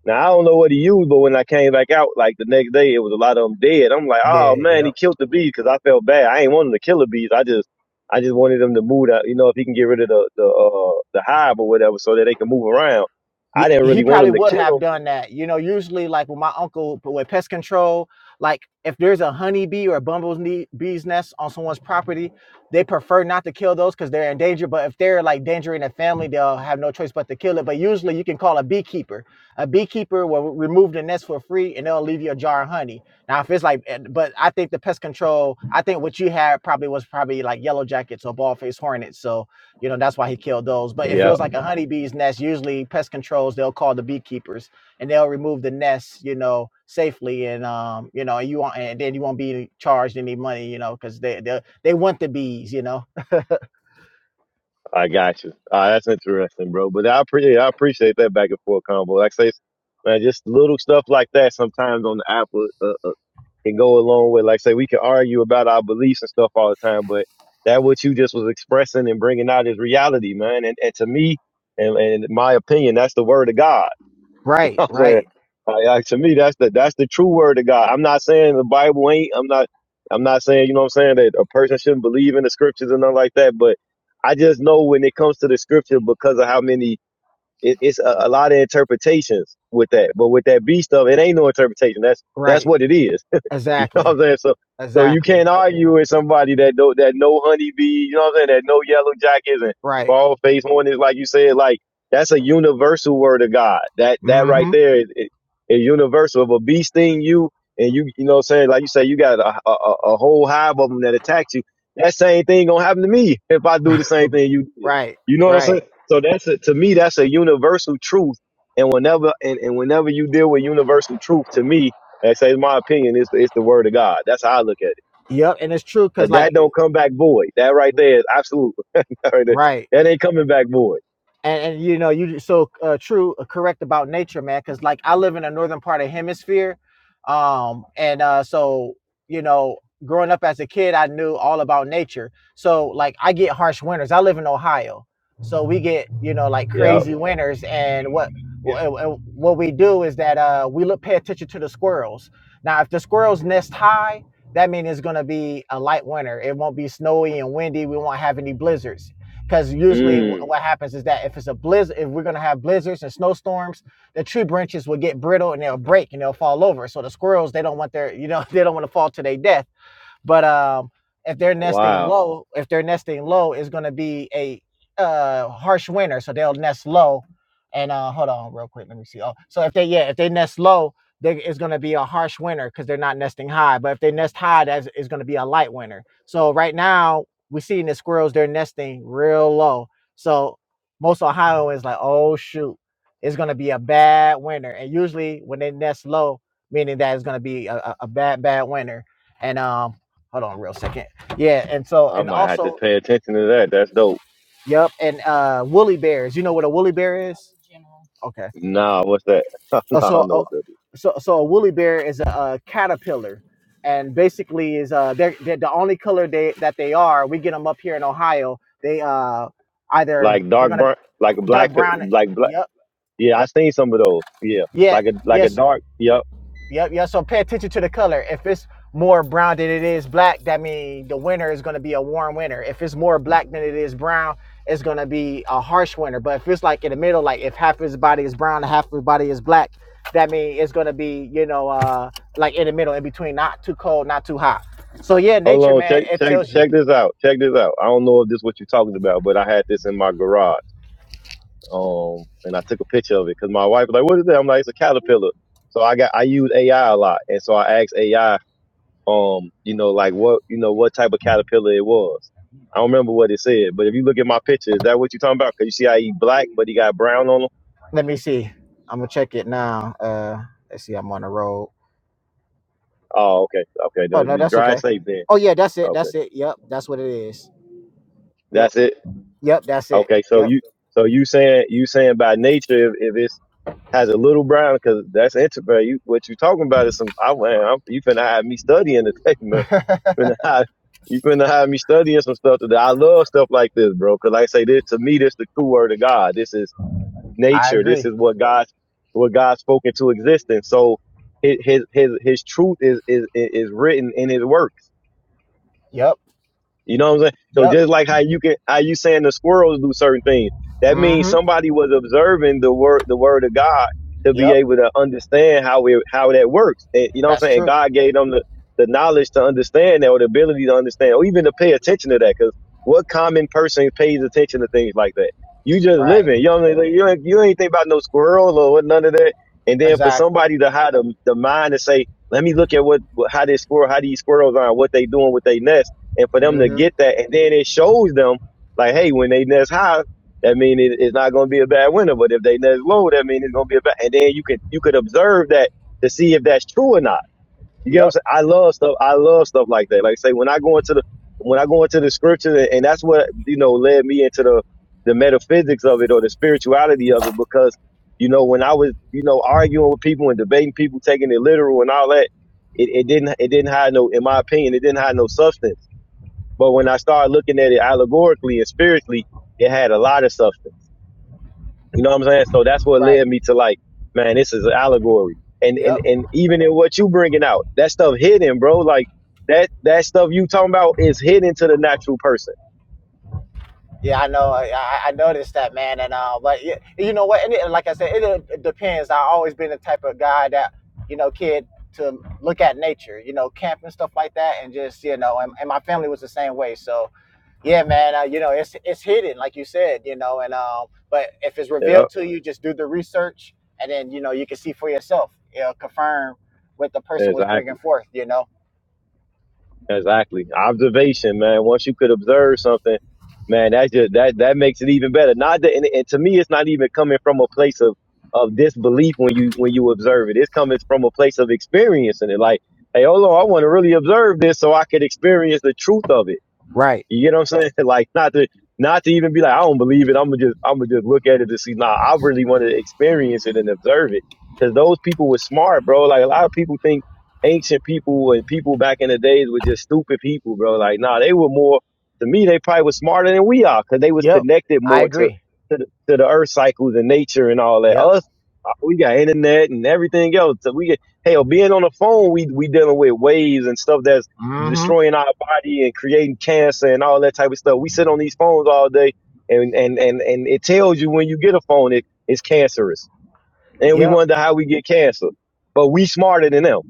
[SPEAKER 2] Now I don't know what he used, but when I came back out, like the next day, it was a lot of them dead. I'm like,
[SPEAKER 3] Yeah.
[SPEAKER 2] oh man, he
[SPEAKER 3] Yep.
[SPEAKER 2] killed the bees because I felt bad. I ain't wanting to kill the bees. I just, I just wanted them to move. Out, you know, if he can get rid of the the uh, the hive or whatever, so that they can move around.
[SPEAKER 3] yeah,
[SPEAKER 2] I didn't
[SPEAKER 3] he
[SPEAKER 2] really want
[SPEAKER 3] probably
[SPEAKER 2] him to
[SPEAKER 3] would have
[SPEAKER 2] kill
[SPEAKER 3] done that. You know, usually like with my uncle, but with pest control, like if there's a honeybee or a bumblebee's bee's nest on someone's property, they prefer not to kill those because they're in danger. But if they're like endangering a family, they'll have no choice but to kill it. But usually you can call a beekeeper. A beekeeper will remove the nest for free and they'll leave you a jar of honey. Now, if it's like, eh, but I think the pest control, I think what you had probably was probably like yellow jackets or bald faced hornets. So, You know, that's why he killed those. But
[SPEAKER 2] them.
[SPEAKER 3] if it
[SPEAKER 2] Yeah,
[SPEAKER 3] was like a honeybee's nest, usually pest controls, they'll call the beekeepers and they'll remove the nests, you know, safely. And, um, you know, you won't, and then you won't be charged any money, you know, because they, they, they want the bees, you know.
[SPEAKER 2] I got you. Ah, that's interesting, bro. But I appreciate I appreciate that back and forth combo. Like I say, man, just little stuff like that sometimes on the app will, uh, can go along with like say we can argue about our beliefs and stuff all the time but that what you just was expressing and bringing out is reality man and, and to me and, and in my opinion that's the word of god you
[SPEAKER 3] Right,
[SPEAKER 2] know what i'm saying
[SPEAKER 3] right,
[SPEAKER 2] like, like, to me that's the that's the true word of god i'm not saying the bible ain't i'm not i'm not saying you know what i'm saying that a person shouldn't believe in the scriptures and nothing like that but i just know when it comes to the scripture because of how many it, it's a, a lot of interpretations with that but with that beast of it ain't no interpretation that's that's
[SPEAKER 3] right.
[SPEAKER 2] what it is You know what
[SPEAKER 3] Exactly.
[SPEAKER 2] I'm saying? So so you
[SPEAKER 3] Exactly.
[SPEAKER 2] can't argue with somebody that do that no honeybee, you know what I'm saying, that no yellow jackets and
[SPEAKER 3] Right.
[SPEAKER 2] bald face hornets, like you said, like that's a universal word of God. That that right
[SPEAKER 3] Mm
[SPEAKER 2] there is, is, is universal. If a bee sting you and you you know what I'm saying, like you say you got a, a, a whole hive of them that attacks you, that same thing gonna happen to me if I do the same
[SPEAKER 3] hmm.
[SPEAKER 2] thing you did.
[SPEAKER 3] Right,
[SPEAKER 2] You know what I'm
[SPEAKER 3] right.
[SPEAKER 2] saying? So that's a, to me that's a universal truth. And whenever and, and whenever you deal with universal truth, to me, and I say in my opinion. It's the, it's the word of God. That's how I look at it.
[SPEAKER 3] Yep. And it's true because,
[SPEAKER 2] And that
[SPEAKER 3] like,
[SPEAKER 2] don't come back void. That right there is absolute. that
[SPEAKER 3] right.
[SPEAKER 2] ain't coming back void.
[SPEAKER 3] and, and you know you so uh, true uh, correct about nature man because like i live in the northern part of hemisphere um and uh so you know growing up as a kid i knew all about nature so like i get harsh winters i live in ohio so we get you know like crazy
[SPEAKER 2] Yep.
[SPEAKER 3] winters and what wh- and- and what we do is that uh we look pay attention to the squirrels now if the squirrels nest high that means it's going to be a light winter it won't be snowy and windy we won't have any blizzards because usually,
[SPEAKER 2] Mm.
[SPEAKER 3] what happens is that if it's a blizzard, if we're gonna have blizzards and snowstorms, the tree branches will get brittle and they'll break and they'll fall over. So the squirrels, they don't want their, you know, they don't want to fall to their death. But um, if they're nesting
[SPEAKER 2] Wow.
[SPEAKER 3] low, if they're nesting low, it's going to be a uh, harsh winter, so they'll nest low. And uh, hold on, real quick, let me see. Oh, so if they yeah, if they nest low, they, it's going to be a harsh winter because they're not nesting high. But if they nest high, that's is going to be a light winter. So right now we're seeing the squirrels; they're nesting real low. So most Ohioans like, oh shoot, it's going to be a bad winter. And usually when they nest low, meaning that it's going to be a, a bad bad winter. And um, Hold on, real second. Yeah, and so
[SPEAKER 2] I
[SPEAKER 3] and
[SPEAKER 2] might have to
[SPEAKER 3] also,
[SPEAKER 2] pay attention to that. That's dope.
[SPEAKER 3] yep, and uh, woolly bears. You know what a woolly bear is? Okay.
[SPEAKER 2] Nah, what's that? I
[SPEAKER 3] Uh, so,
[SPEAKER 2] don't know
[SPEAKER 3] uh,
[SPEAKER 2] what that is.
[SPEAKER 3] so, so a woolly bear is a, uh caterpillar, and basically is uh they're, they're the only color they that they are. We get them up here in Ohio. They uh either
[SPEAKER 2] Like
[SPEAKER 3] they're
[SPEAKER 2] dark
[SPEAKER 3] gonna
[SPEAKER 2] burn, like a black,
[SPEAKER 3] dark brown.
[SPEAKER 2] like black.
[SPEAKER 3] Yep.
[SPEAKER 2] Yeah, I seen some of those. Yeah,
[SPEAKER 3] Yeah.
[SPEAKER 2] like a like a
[SPEAKER 3] Yes.
[SPEAKER 2] dark. Yep.
[SPEAKER 3] Yep, yep. So pay attention to the color. If it's more brown than it is black, that means the winter is going to be a warm winter. If it's more black than it is brown, it's going to be a harsh winter. But if it's like in the middle, like if half his body is brown and half his body is black, that means it's going to be, you know, uh, like in the middle, in between, not too cold, not too hot. So yeah,
[SPEAKER 2] Hold
[SPEAKER 3] nature,
[SPEAKER 2] on.
[SPEAKER 3] man,
[SPEAKER 2] Check
[SPEAKER 3] it
[SPEAKER 2] check
[SPEAKER 3] tells you.
[SPEAKER 2] check this out. Check this out. I don't know if this is what you're talking about, but I had this in my garage. Um, and I took a picture of it because my wife was like, "What is that?" I'm like, "It's a caterpillar." So I got I use AI a lot, and so I asked AI, um, you know, like what you know what type of caterpillar it was. I don't remember what it said, but if you look at my picture, is that what you're talking about? Because you see I eat black, but he got brown on him.
[SPEAKER 3] Let me see. I'm gonna check it now. Uh, let's see. I'm on the road.
[SPEAKER 2] Oh, okay, okay,
[SPEAKER 3] Oh
[SPEAKER 2] no,
[SPEAKER 3] no,
[SPEAKER 2] we
[SPEAKER 3] that's
[SPEAKER 2] dry
[SPEAKER 3] okay.
[SPEAKER 2] safe then.
[SPEAKER 3] Oh yeah, that's it.
[SPEAKER 2] Okay,
[SPEAKER 3] That's it. Yep, that's what it is. Yep,
[SPEAKER 2] that's it.
[SPEAKER 3] yep, that's it.
[SPEAKER 2] Okay, so
[SPEAKER 3] Yep.
[SPEAKER 2] you so you saying you saying by nature if, if it's has a little brown because that's interesting. You, what you talking about is some. I, man, I'm, you finna have me studying the thing, finna have you finna have me studying some stuff today. I love stuff like this, bro. Cause like I say, this to me, this the true word of God. This is
[SPEAKER 3] I
[SPEAKER 2] nature. This
[SPEAKER 3] agree.
[SPEAKER 2] is what God, what God spoke into existence. So his his his, his truth is is is written in His works.
[SPEAKER 3] Yep.
[SPEAKER 2] You know what I'm saying? So
[SPEAKER 3] Yep.
[SPEAKER 2] just like how you can how you saying the squirrels do certain things, that means
[SPEAKER 3] Mm-hmm.
[SPEAKER 2] somebody was observing the word the word of God to be
[SPEAKER 3] Yep.
[SPEAKER 2] able to understand how it how that works. And, you know what
[SPEAKER 3] That's
[SPEAKER 2] I'm saying?
[SPEAKER 3] true.
[SPEAKER 2] God gave them the, the knowledge to understand that or the ability to understand or even to pay attention to that. Because what common person pays attention to things like that? You just
[SPEAKER 3] Right.
[SPEAKER 2] living. You know what I'm saying? You ain't, you ain't think about no squirrel or what none of that. And then for
[SPEAKER 3] Exactly.
[SPEAKER 2] somebody to have the, the mind to say, let me look at what what- how this squirrel how these squirrels are, what they doing with their nest and for them to
[SPEAKER 3] Mm-hmm.
[SPEAKER 2] get that, and then it shows them like, hey, when they nest high, that mean it, it's not going to be a bad winter. But if they nest low, that mean it's going to be a bad. And then you could you could observe that to see if that's true or not. You get what
[SPEAKER 3] Yep.
[SPEAKER 2] I'm saying? I love stuff. I love stuff like that. Like I say when I go into the when I go into the scriptures, and and that's what you know led me into the the metaphysics of it or the spirituality of it because you know when I was you know arguing with people and debating people taking it literal and all that it, it didn't it didn't have no in my opinion it didn't have no substance but when I started looking at it allegorically and spiritually, it had a lot of substance. You know what I'm saying? So that's what
[SPEAKER 3] Right.
[SPEAKER 2] led me to like, man, this is an allegory. And and
[SPEAKER 3] Yep.
[SPEAKER 2] and even in what you bringing out, that stuff hidden, bro. Like that that stuff you talking about is hidden to the natural person.
[SPEAKER 3] Yeah, I know. I, I I noticed that, man. And uh, but yeah, you know what? And it, like I said, it, uh, it depends. I've always been the type of guy that, you know, kid to look at nature, you know, camp and stuff like that, and just you know, and, and my family was the same way. So Yeah, man. Uh, you know, it's it's hidden, like you said. You know, and um, but if it's
[SPEAKER 2] Yeah,
[SPEAKER 3] revealed to you, just do the research, and then you know you can see for yourself. It'll confirm what the person was
[SPEAKER 2] exactly.
[SPEAKER 3] bringing forth. You know.
[SPEAKER 2] Exactly. Observation, man. Once you could observe something, man, that just that that makes it even better. Not that, and, and to me, it's not even coming from a place of of disbelief when you when you observe it. It's coming from a place of experiencing it. Like, hey, hold on, I want to really observe this so I could experience the truth of it.
[SPEAKER 3] Right.
[SPEAKER 2] You get what I'm saying? Like not to not to even be like, I don't believe it. I'm gonna just I'm gonna just look at it to see. Nah, I really want to experience it and observe it because those people were smart, bro. Like a lot of people think ancient people and people back in the days were just stupid people, bro. Like nah, they were more. To me, they probably were smarter than we are because they was
[SPEAKER 3] Yep.
[SPEAKER 2] connected
[SPEAKER 3] I
[SPEAKER 2] more to
[SPEAKER 3] agree.
[SPEAKER 2] to the, to the earth cycles and nature and all that.
[SPEAKER 3] Yep.
[SPEAKER 2] Us, uh, we got internet and everything else. So we get hell being on the phone, we we dealing with waves and stuff that's
[SPEAKER 3] Mm-hmm.
[SPEAKER 2] destroying our and creating cancer and all that type of stuff. We sit on these phones all day and and and, and it tells you when you get a phone it, it's cancerous. And we
[SPEAKER 3] Yep.
[SPEAKER 2] wonder how we get cancer. But we smarter than them.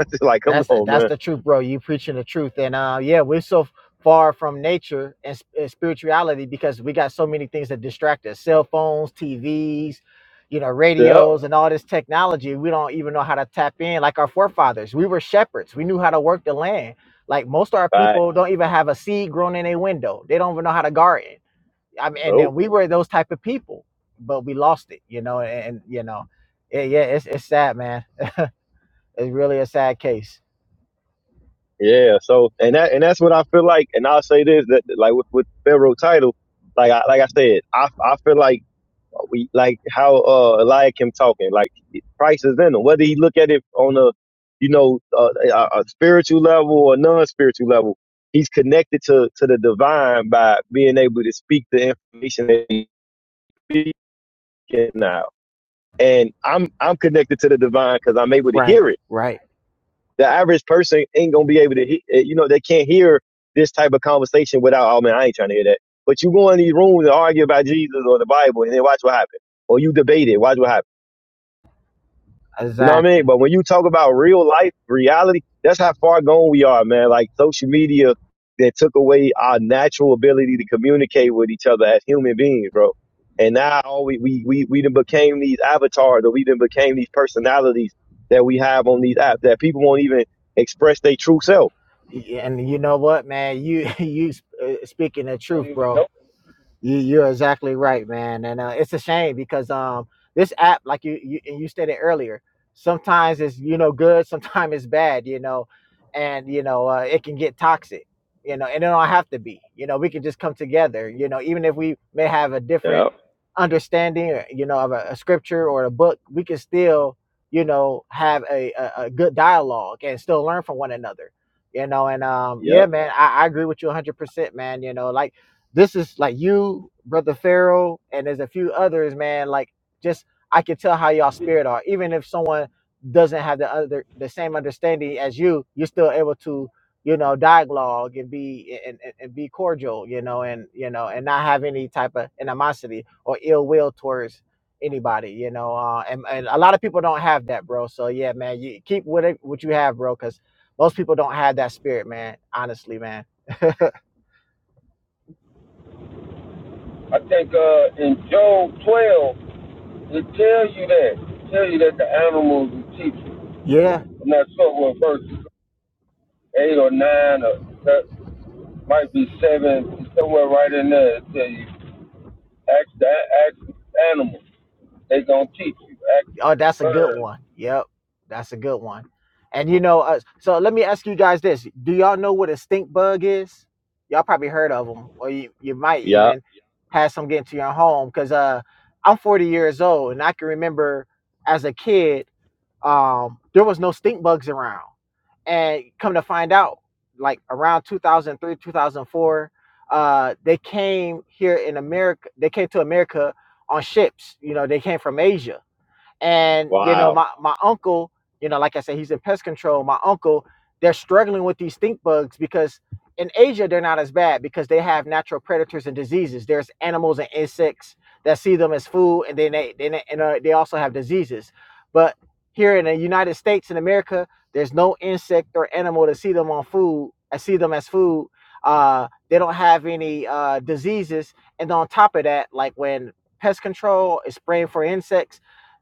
[SPEAKER 2] It's like, come
[SPEAKER 3] That's
[SPEAKER 2] on,
[SPEAKER 3] that's
[SPEAKER 2] man.
[SPEAKER 3] the truth, bro. You preaching the truth, and uh, yeah, we're so far from nature and, sp- and spirituality because we got so many things that distract us: cell phones, TVs, you know,
[SPEAKER 2] Yeah.
[SPEAKER 3] radios, and all this technology. We don't even know how to tap in. Like our forefathers, we were shepherds. We knew how to work the land. Like most of our
[SPEAKER 2] Right.
[SPEAKER 3] people don't even have a seed grown in a window. They don't even know how to garden. I mean, and then
[SPEAKER 2] Nope.
[SPEAKER 3] we were those type of people, but we lost it, you know. And, and you know, yeah, yeah, it's it's sad, man. It really a sad case.
[SPEAKER 2] Yeah. So and that and that's what I feel like. And I'll say this that like with, with Pharaoh title, like I like I said, I I feel like We like how uh Eliakim talking. Like Christ is in him. Whether he look at it on a you know uh, a, a spiritual level or non-spiritual level, he's connected to to the divine by being able to speak the information that he's speaking now. And I'm I'm connected to the divine because I'm able to
[SPEAKER 3] Right,
[SPEAKER 2] hear it.
[SPEAKER 3] right,
[SPEAKER 2] The average person ain't gonna be able to, he- eh, you know, they can't hear this type of conversation without. Oh man, I ain't trying to hear that. But you go in these rooms and argue about Jesus or the Bible, and then watch what happens. Or you debate it, watch what happens You know what I mean?
[SPEAKER 3] exactly.
[SPEAKER 2] But when you talk about real life, reality, that's how far gone we are, man. Like social media that took away our natural ability to communicate with each other as human beings, bro. And now all we we we we done became these avatars or we done became these personalities that we have on these apps that people won't even express their true self.
[SPEAKER 3] Y- And you know what, man? You you sp- uh, speaking the
[SPEAKER 1] don't
[SPEAKER 3] truth,
[SPEAKER 1] even
[SPEAKER 3] bro.
[SPEAKER 1] know.
[SPEAKER 3] You, you're exactly right, man, and uh, it's a shame because um, this app, like you, you and you stated earlier, sometimes it's you know good, sometimes it's bad, you know, and you know uh, it can get toxic, you know, and it don't have to be, you know, we can just come together, you know, even if we may have a different
[SPEAKER 2] Yep.
[SPEAKER 3] understanding, or, you know, of a, a scripture or a book, we can still, you know, have a, a, a good dialogue and still learn from one another, you know, and um,
[SPEAKER 2] Yep.
[SPEAKER 3] yeah, man, I, I agree with you 100%, man, you know, like this is like you, brother Pharaoh, and there's a few others, man. Like just I can tell how y'all spirit are. Even if someone doesn't have the other the same understanding as you, you're still able to, you know, dialogue and be and, and, and be cordial, you know, and you know, and not have any type of animosity or ill will towards anybody, you know. Uh, and, and a lot of people don't have that, bro. So yeah, man, you keep what it, what you have, bro, because most people don't have that spirit, man. Honestly, man.
[SPEAKER 1] I think uh, in Job 12, it tells you that. It tells you that the animals will teach you.
[SPEAKER 3] Yeah.
[SPEAKER 1] I'm not sure what verse, eight or nine, or that might be seven, somewhere right in there. It tells you ask the ask the animals. They gonna teach you. Ask
[SPEAKER 3] Oh,
[SPEAKER 1] the
[SPEAKER 3] that's a good
[SPEAKER 1] birds.
[SPEAKER 3] one. Yep, that's a good one. And you know, uh, so let me ask you guys this: Do y'all know what a stink bug is? Y'all probably heard of them, or you, you might
[SPEAKER 2] Yep.
[SPEAKER 3] even have some get into your home. Because uh, I'm 40 years old, and I can remember as a kid, um, there was no stink bugs around. And come to find out, like around 2003, 2004, uh, they came here in America. They came to America on ships. You know, they came from Asia and you know
[SPEAKER 2] Wow.
[SPEAKER 3] my my uncle you know like i said he's in pest control my uncle they're struggling with these stink bugs because in asia they're not as bad because they have natural predators and diseases there's animals and insects that see them as food and then they they, and, uh, they also have diseases but here in the united states in america there's no insect or animal to see them on food i see them as food uh, they don't have any uh, diseases and on top of that like when pest control is spraying for insects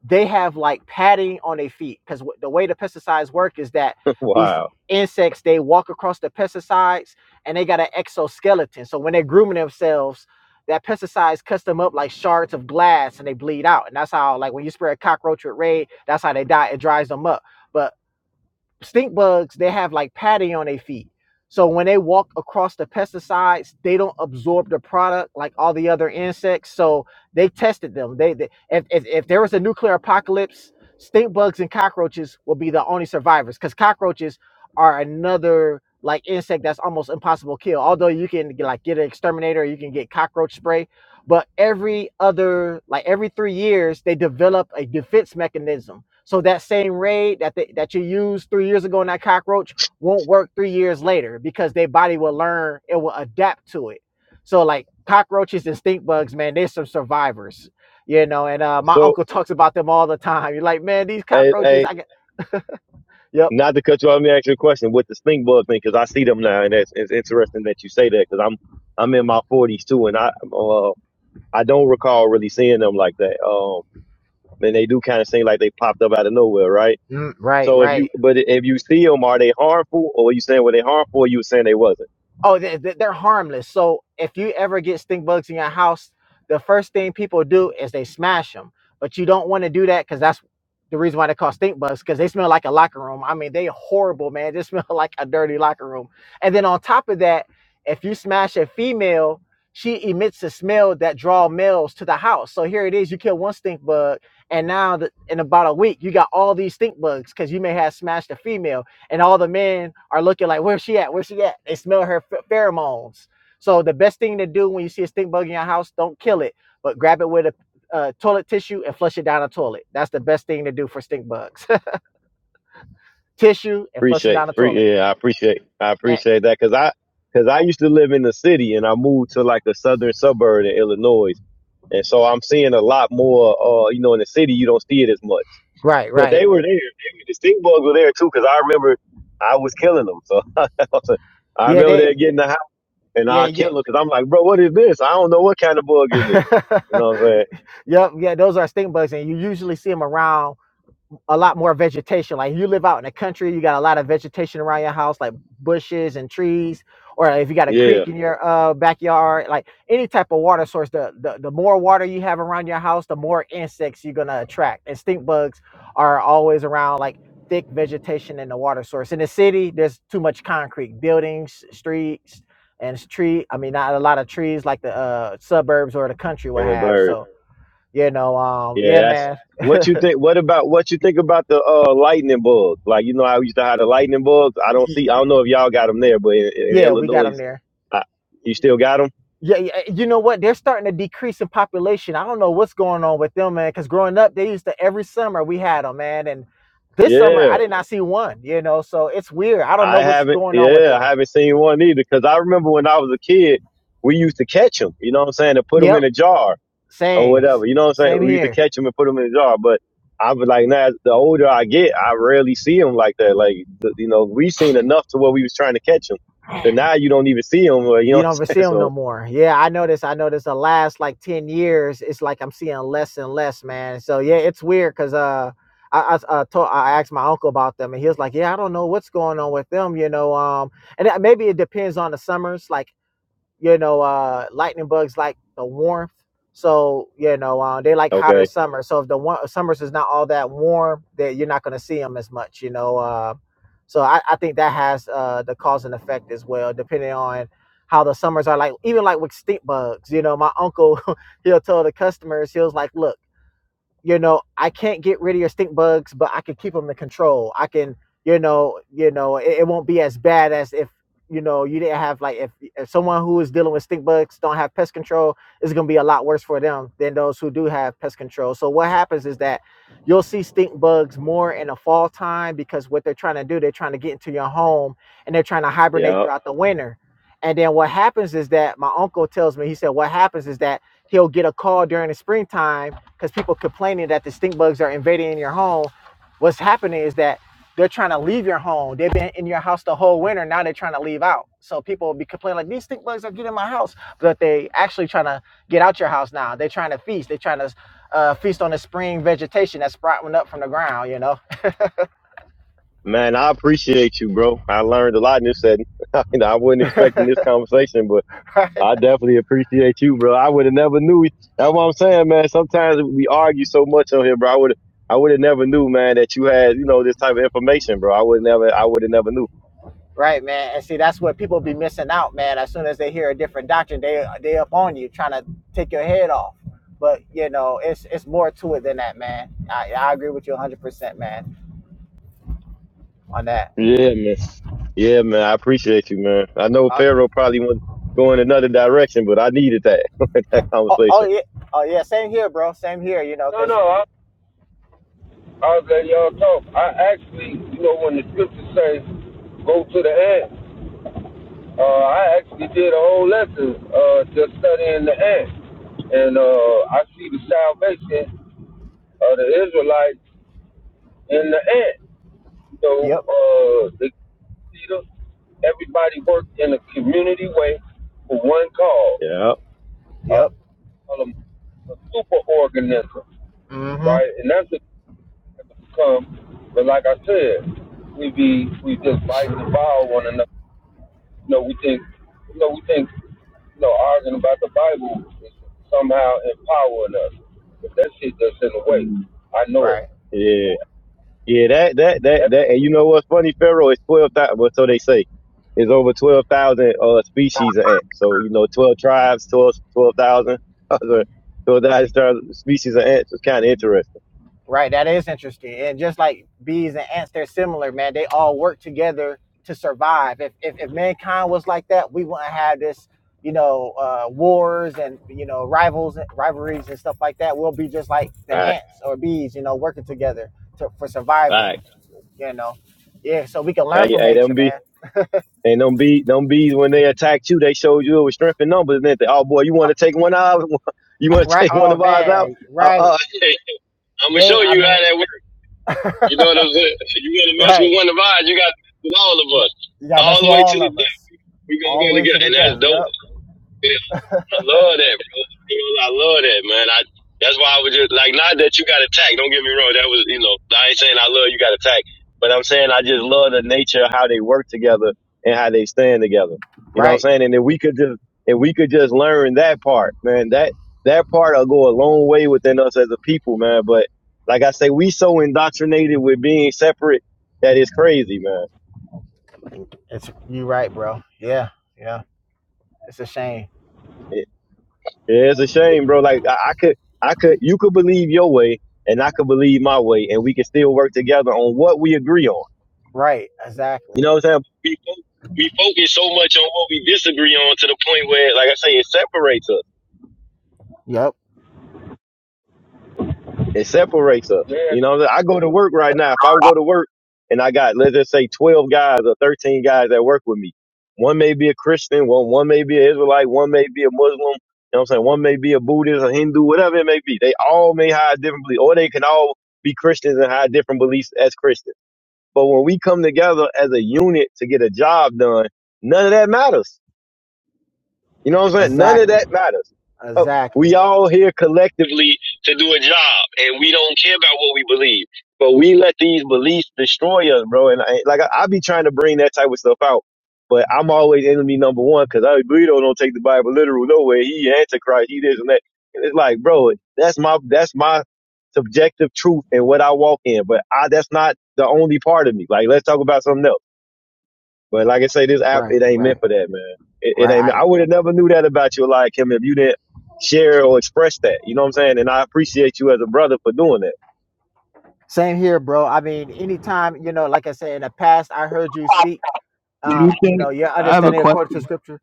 [SPEAKER 3] they have like padding on their feet because w- the way the pesticides work is that these
[SPEAKER 2] wow.
[SPEAKER 3] insects they walk across the pesticides and they got an exoskeleton so when they're grooming themselves that pesticides cuts them up like shards of glass and they bleed out and that's how like when you spray a cockroach with raid that's how they die it dries them up but stink bugs they have like padding on their feet so when they walk across the pesticides they don't absorb the product like all the other insects so they tested them they, they if, if, if there was a nuclear apocalypse stink bugs and cockroaches will be the only survivors because cockroaches are another like insect that's almost impossible to kill although you can like get an exterminator you can get cockroach spray but every other like every three years they develop a defense mechanism so that same raid that they, that you used three years ago in that cockroach won't work three years later because their body will learn it will adapt to it so like cockroaches and stink bugs man they're some survivors you know and uh my
[SPEAKER 2] So
[SPEAKER 3] uncle talks about them all the time you're like man these
[SPEAKER 2] hey,
[SPEAKER 3] cockroaches
[SPEAKER 2] hey,
[SPEAKER 3] i get yep
[SPEAKER 2] Not to cut you off, let me ask you a question with the stink bug thing, because I see them now, and that's it's interesting that you say that, because I'm I'm in my 40s too, and I uh, I don't recall really seeing them like that. Um, and they do kind of seem like they popped up out of nowhere, right?
[SPEAKER 3] Mm, right
[SPEAKER 2] So if
[SPEAKER 3] right
[SPEAKER 2] you but if you see them, are they harmful, or you saying were they harmful, or you were saying they wasn't?
[SPEAKER 3] Oh, they, they- they're harmless. So if you ever get stink bugs in your house, the first thing people do is they smash them. But you don't want to do that because that's the reason why they call stink bugs because they smell like a locker room. I mean, they horrible, man. They smell like a dirty locker room. And then on top of that, if you smash a female, she emits a smell that draw males to the house. So here it is: you kill one stink bug, and now the, in about a week, you got all these stink bugs because you may have smashed a female and all the men are looking like, "Where's she at? Where's she at?" They smell her pheromones. So the best thing to do when you see a stink bug in your house, don't kill it, but grab it with a uh, toilet tissue and flush it down the toilet. That's the best thing to do for stink bugs. tissue and flush them
[SPEAKER 2] Appreciate,
[SPEAKER 3] down the toilet.
[SPEAKER 2] pre- yeah, I appreciate, I
[SPEAKER 3] Eh,
[SPEAKER 2] appreciate that, because I because I used to live in the city, and I moved to like a southern suburb in Illinois, and so I'm seeing a lot more. Uh, you know, in the city, you don't see it as much.
[SPEAKER 3] right,
[SPEAKER 2] But
[SPEAKER 3] right.
[SPEAKER 2] they were there. They were- the stink bugs were there too, because I remember I was killing them. So I
[SPEAKER 3] Yeah,
[SPEAKER 2] remember
[SPEAKER 3] they.
[SPEAKER 2] they getting the house and
[SPEAKER 3] Yeah,
[SPEAKER 2] I
[SPEAKER 3] yeah.
[SPEAKER 2] kill them because I'm like, bro, what is this? I don't know what kind of bug is this. You know what I'm saying?
[SPEAKER 3] yep, yeah. Those are stink bugs, and you usually see them around a lot more vegetation. Like you live out in the country, you got a lot of vegetation around your house, like bushes and trees. Or if you got a
[SPEAKER 2] Yeah,
[SPEAKER 3] creek in your uh, backyard, like any type of water source, the, the the more water you have around your house, the more insects you're gonna attract. And stink bugs are always around, like thick vegetation and the water source. In the city, there's too much concrete, buildings, streets, and s- tree. I mean, not a lot of trees like the uh, suburbs or the country would
[SPEAKER 2] and a
[SPEAKER 3] have.
[SPEAKER 2] bird.
[SPEAKER 3] So you know, um,
[SPEAKER 2] Yeah,
[SPEAKER 3] yeah,
[SPEAKER 2] that's
[SPEAKER 3] man,
[SPEAKER 2] what you think. What about what you think about the uh, lightning bugs? Like you know, I used to have the lightning bugs. I don't see. I don't know if y'all got them there, but in, in
[SPEAKER 3] yeah, we got
[SPEAKER 2] Illinois,
[SPEAKER 3] them there.
[SPEAKER 2] I, you still got them.
[SPEAKER 3] Yeah, yeah, eh, you know what? They're starting to decrease in population. I don't know what's going on with them, man. Because growing up, they used to every summer we had them, man. And this summer,
[SPEAKER 2] Yeah.
[SPEAKER 3] I did not see one. You know, so it's weird. I don't know
[SPEAKER 2] I
[SPEAKER 3] what's
[SPEAKER 2] haven't,
[SPEAKER 3] going on with
[SPEAKER 2] yeah, I
[SPEAKER 3] them.
[SPEAKER 2] haven't seen one either. Cause I remember when I was a kid, we used to catch them, you know what I'm saying, to put them
[SPEAKER 3] Yep,
[SPEAKER 2] in a jar or
[SPEAKER 3] same,
[SPEAKER 2] whatever, you know what I'm saying?
[SPEAKER 3] same
[SPEAKER 2] We used to
[SPEAKER 3] here.
[SPEAKER 2] catch them and put them in a jar. But I was like, now the older I get, I rarely see them like that. Like, the- you know, we seen enough to where we was trying to catch them. So now you don't even see them, you know
[SPEAKER 3] You
[SPEAKER 2] what
[SPEAKER 3] don't ever
[SPEAKER 2] I'm saying?
[SPEAKER 3] see them
[SPEAKER 2] So,
[SPEAKER 3] no more. Yeah, I noticed. I noticed the last like ten years, it's like I'm seeing less and less, man. So yeah, it's weird because uh, I I, I, told, I asked my uncle about them, and he was like, "Yeah, I don't know what's going on with them." You know, um, and that- maybe it depends on the summers, like. you know, uh, lightning bugs like the warmth. So you know, uh, they like hotter
[SPEAKER 2] okay.
[SPEAKER 3] summer. So if the wa- summers is not all that warm, that you're not going to see them as much. You know, uh, so I, I think that has uh, the cause and effect as well, depending on how the summers are. Like even like with stink bugs, you know, my uncle he'll tell the customers he was like, "Look." you know i can't get rid of your stink bugs but i can keep them in control i can you know you know it, it won't be as bad as if you know you didn't have like if, if someone who is dealing with stink bugs don't have pest control it's going to be a lot worse for them than those who do have pest control so what happens is that you'll see stink bugs more in the fall time because what they're trying to do they're trying to get into your home and they're trying to hibernate
[SPEAKER 2] Yeah.
[SPEAKER 3] throughout the winter and then what happens is that my uncle tells me he said what happens is that he'll get a call during the springtime because people complaining that the stink bugs are invading your home. What's happening is that they're trying to leave your home. They've been in your house the whole winter. Now they're trying to leave out. So people will be complaining like these stink bugs are getting in my house, but they actually trying to get out your house now. They're trying to feast. They're trying to uh, feast on the spring vegetation that's sprouting up from the ground. You know,
[SPEAKER 2] Man, I appreciate you, bro. I learned a lot in this setting. I wasn't expecting this conversation, but. I definitely appreciate you, bro. I would have never knew. That's what I'm saying, man. Sometimes we argue so much on here, bro. I would I would have never knew, man, that you had, you know, this type of information, bro. I would never I would have never knew.
[SPEAKER 3] Right, man. And see, that's what people be missing out, man. As soon as they hear a different doctrine, they they up on you trying to take your head off. But you know, it's it's more to it than that, man. I, I agree with you 100, percent man, on that.
[SPEAKER 2] Yeah, man. Yeah, man. I appreciate you, man. I know
[SPEAKER 3] Uh,
[SPEAKER 2] Pharaoh probably was going another direction, but I needed that that
[SPEAKER 3] oh, oh
[SPEAKER 2] conversation.
[SPEAKER 3] yeah, oh yeah. Same here, bro. Same here. You know,
[SPEAKER 1] No, no.
[SPEAKER 3] cause
[SPEAKER 1] I, I was letting y'all talk. I actually, you know, when the scriptures say, "Go to the ant." Uh, I actually did a whole lesson uh, just studying the ant, and uh, I see the salvation of the Israelites in the ant. So
[SPEAKER 3] yep,
[SPEAKER 1] uh, the leader, everybody worked in a community way for one cause.
[SPEAKER 2] Yeah.
[SPEAKER 1] Uh,
[SPEAKER 3] yep.
[SPEAKER 1] call 'em a super organism,
[SPEAKER 3] Mm-hmm.
[SPEAKER 1] right? And that's what it become. But like I said, we be we just fight and devour one another. No, we think, you know, we think, you know, arguing about the Bible is somehow empowering us. But that shit just in the way. I know it.
[SPEAKER 3] Right.
[SPEAKER 2] Yeah. Yeah, that that that
[SPEAKER 1] That,
[SPEAKER 2] that, and you know what's funny, Pharaoh? It's twelve thousand. Well, so they say, it's over twelve thousand uh species of ants. So you know, twelve tribes, twelve twelve thousand other twelve thousand species of ants It's kind of interesting.
[SPEAKER 3] Right, that is interesting. And just like bees and ants, they're similar, man. They all work together to survive. If if, if mankind was like that, we wouldn't have this, you know, uh, wars and you know rivals, rivalries and stuff like that. We'll be just like the
[SPEAKER 2] All right,
[SPEAKER 3] ants or bees, you know, working together to, for
[SPEAKER 2] all
[SPEAKER 3] survival.
[SPEAKER 2] right.
[SPEAKER 3] You know, yeah. So we can learn
[SPEAKER 2] Hey,
[SPEAKER 3] from
[SPEAKER 2] hey,
[SPEAKER 3] nature,
[SPEAKER 2] them be
[SPEAKER 3] man.
[SPEAKER 2] and them be them bees when they attacked you, they showed you it was strength in numbers. didn't they? oh boy, you want to take one out? You want to
[SPEAKER 3] Right?
[SPEAKER 2] take one
[SPEAKER 3] Oh
[SPEAKER 2] of ours out?
[SPEAKER 3] man,
[SPEAKER 2] Uh,
[SPEAKER 3] right. They, I mean, right. Yeah, Yeah. That's to
[SPEAKER 2] uh,
[SPEAKER 3] with all of us, all the way to the death. Yep.
[SPEAKER 2] back. But I'm saying I just love the nature of how they work together and how they stand together. You know what
[SPEAKER 3] Right.
[SPEAKER 2] I'm saying? And if we could just if we could just learn that part, man, that that part'll go a long way within us as a people, man. But like I say, we so indoctrinated with being separate that it's crazy, man.
[SPEAKER 3] It's you right, bro. Yeah, yeah. It's a shame.
[SPEAKER 2] It, it's a shame, bro. Like I, I could I could you could believe your way and I could believe my way and we could still work together on what we agree on
[SPEAKER 3] Right, exactly.
[SPEAKER 2] You know what I'm saying? We fo- we focus so much on what we disagree on to the point where, like I say, it separates us.
[SPEAKER 3] Yep,
[SPEAKER 2] It separates us.
[SPEAKER 1] yeah,
[SPEAKER 2] You know, what I'm saying? I go to work right now. If I go to work and I got, let's just say, 12 guys or 13 guys that work with me, one may be a Christian, one, one may be an Israelite, one may be a Muslim, you know what I'm saying? One may be a Buddhist, a Hindu, whatever it may be. They all may have different beliefs, or they can all be Christians and have different beliefs as Christians. But when we come together as a unit to get a job done, none of that matters. You know what I'm saying? None of
[SPEAKER 3] exactly,
[SPEAKER 2] that matters. Oh, We
[SPEAKER 3] exactly.
[SPEAKER 2] all here collectively to do a job, and we don't care about what we believe. But we let these beliefs destroy us, bro. And I, like I, I be trying to bring that type of stuff out, but I'm always enemy number one because I Burrito don't take the Bible literal nowhere. He antichrist, he this and that. And it's like, bro, that's my that's my subjective truth and what I walk in. But I that's not the only part of me. Like, let's talk about something else. But like I say, this app
[SPEAKER 3] Right,
[SPEAKER 2] it ain't meant
[SPEAKER 3] right,
[SPEAKER 2] for that, man. It, it
[SPEAKER 3] right.
[SPEAKER 2] ain't.
[SPEAKER 3] I
[SPEAKER 2] I would have never knew that about you, like him, if you didn't share or express that. You know what I'm saying? And I appreciate you as a brother for doing that.
[SPEAKER 3] same here, bro. I mean, anytime you know, like I said in the past, I heard you speak.
[SPEAKER 4] Do you
[SPEAKER 3] Um, you
[SPEAKER 4] think
[SPEAKER 3] know, your
[SPEAKER 4] I have a
[SPEAKER 3] understanding according to
[SPEAKER 4] question?
[SPEAKER 3] scripture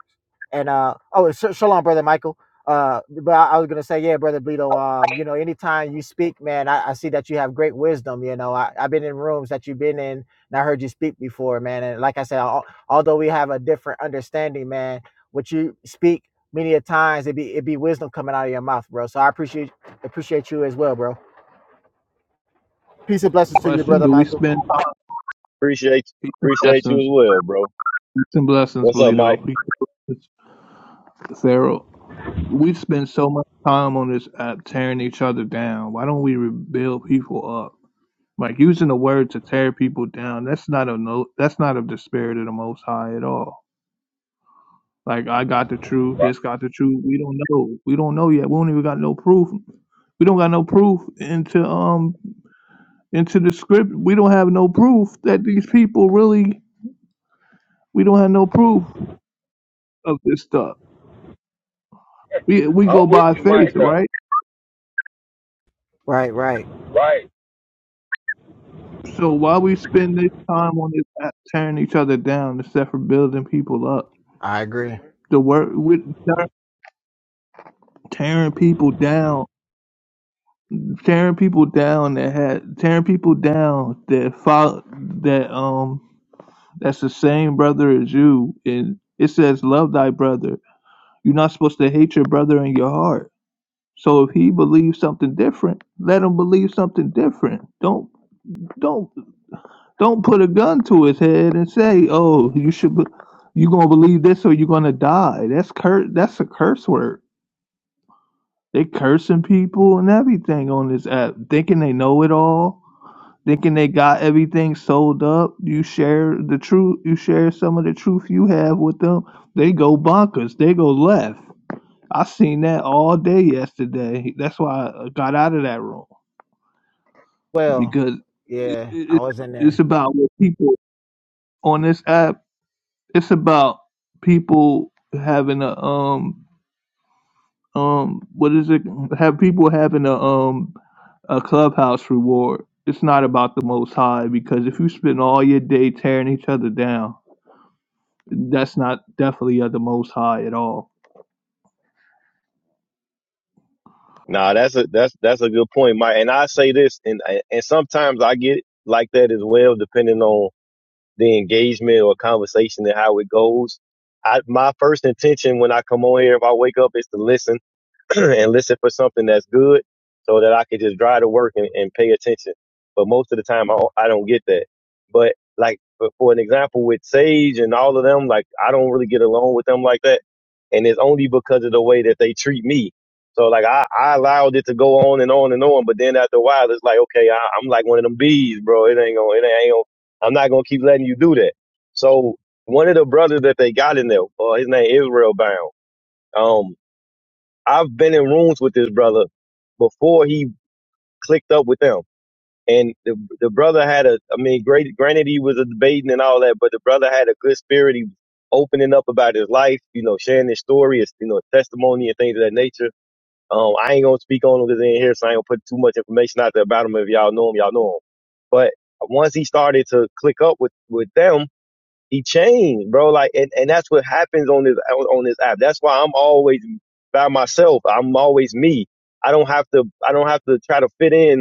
[SPEAKER 3] And uh, oh, sh- shalom, brother Michael. Uh, but I, I was gonna say, yeah, brother Bleedo. Um, you know, anytime you speak, man, I, I see that you have great wisdom. You know, I, I've been in rooms that you've been in, and I heard you speak before, man. And like I said, al- although we have a different understanding, man, what you speak many a times, it be it be wisdom coming out of your mouth, bro. So I appreciate appreciate you as well, bro. Peace and blessings to you,
[SPEAKER 4] Question:
[SPEAKER 3] brother
[SPEAKER 4] Do we
[SPEAKER 3] Michael.
[SPEAKER 4] spend
[SPEAKER 2] Appreciate
[SPEAKER 4] peace and
[SPEAKER 2] appreciate you as
[SPEAKER 4] blessings,
[SPEAKER 2] well, bro.
[SPEAKER 4] peace and blessings,
[SPEAKER 2] What's up,
[SPEAKER 4] Polito,
[SPEAKER 2] Mike?
[SPEAKER 4] peace and blessings, Pharaoh? We spend so much time on this app tearing each other down. Why don't we rebuild people up? Like using the word to tear people down. That's not a no. That's not of the spirit of the Most High at all. Like I got the truth.
[SPEAKER 1] right.
[SPEAKER 4] This got the truth. We don't know. We don't know yet. We don't even got no proof. We don't got no proof until um. into the script. We don't have no proof that these people really. We don't have no proof of this stuff. We we go
[SPEAKER 1] I'm with
[SPEAKER 4] by
[SPEAKER 1] you,
[SPEAKER 4] faith,
[SPEAKER 1] Micah.
[SPEAKER 4] right?
[SPEAKER 3] Right, right.
[SPEAKER 1] Right.
[SPEAKER 4] So why we spend this time on this app tearing each other down instead for building people up?
[SPEAKER 3] I agree.
[SPEAKER 4] The work with tearing people down, tearing people down that had tearing people down that follow that um that's the same brother as you, and it says love thy brother. You're not supposed to hate your brother in your heart So if he believes something different, let him believe something different. Don't don't don't put a gun to his head and say, "Oh, you should be, you gonna believe this or you're gonna die." That's cur that's a curse word. They cursing people and everything on this app, thinking they know it all, thinking they got everything sold up. You share the truth, you share some of the truth you have with them. They go bonkers. They go left. I seen that all day yesterday. That's why I got out of that room.
[SPEAKER 3] Well,
[SPEAKER 4] because it,
[SPEAKER 3] yeah, I
[SPEAKER 4] it,
[SPEAKER 3] was in
[SPEAKER 4] it's
[SPEAKER 3] there.
[SPEAKER 4] about what people on this app. It's about people having a um um what is it? Have people having a um a clubhouse reward. It's not about the most high because if you spend all your day tearing each other down, that's not definitely at the most high at all.
[SPEAKER 2] Nah, that's a that's that's a good point, Mike. And I say this, and and sometimes I get like that as well, depending on the engagement or conversation and how it goes. I, my first intention when I come on here, if I wake up, is to listen and listen for something that's good so that I could just drive to work and, and pay attention. But most of the time, I don't, I don't get that. But like for, for an example with Sage and all of them, like I don't really get along with them like that. And it's only because of the way that they treat me. So like I, I allowed it to go on and on and on, but then after a while, it's like okay, I, I'm like one of them bees, bro. It ain't gonna, it ain't gonna. I'm not gonna keep letting you do that. So one of the brothers that they got in there, uh, his name Israel Bound. Um, I've been in rooms with this brother before he clicked up with them. And the the brother had a, I mean, great. Granted, he was a debating and all that, but the brother had a good spirit. He was opening up about his life, you know, sharing his story, his you know testimony and things of that nature. Um, I ain't gonna speak on him because he ain't here, so I ain't gonna put too much information out there about him. If y'all know him, y'all know him. But once he started to click up with with them, he changed, bro. Like, and, and that's what happens on this on, on this app. That's why I'm always by myself. I'm always me. I don't have to. I don't have to try to fit in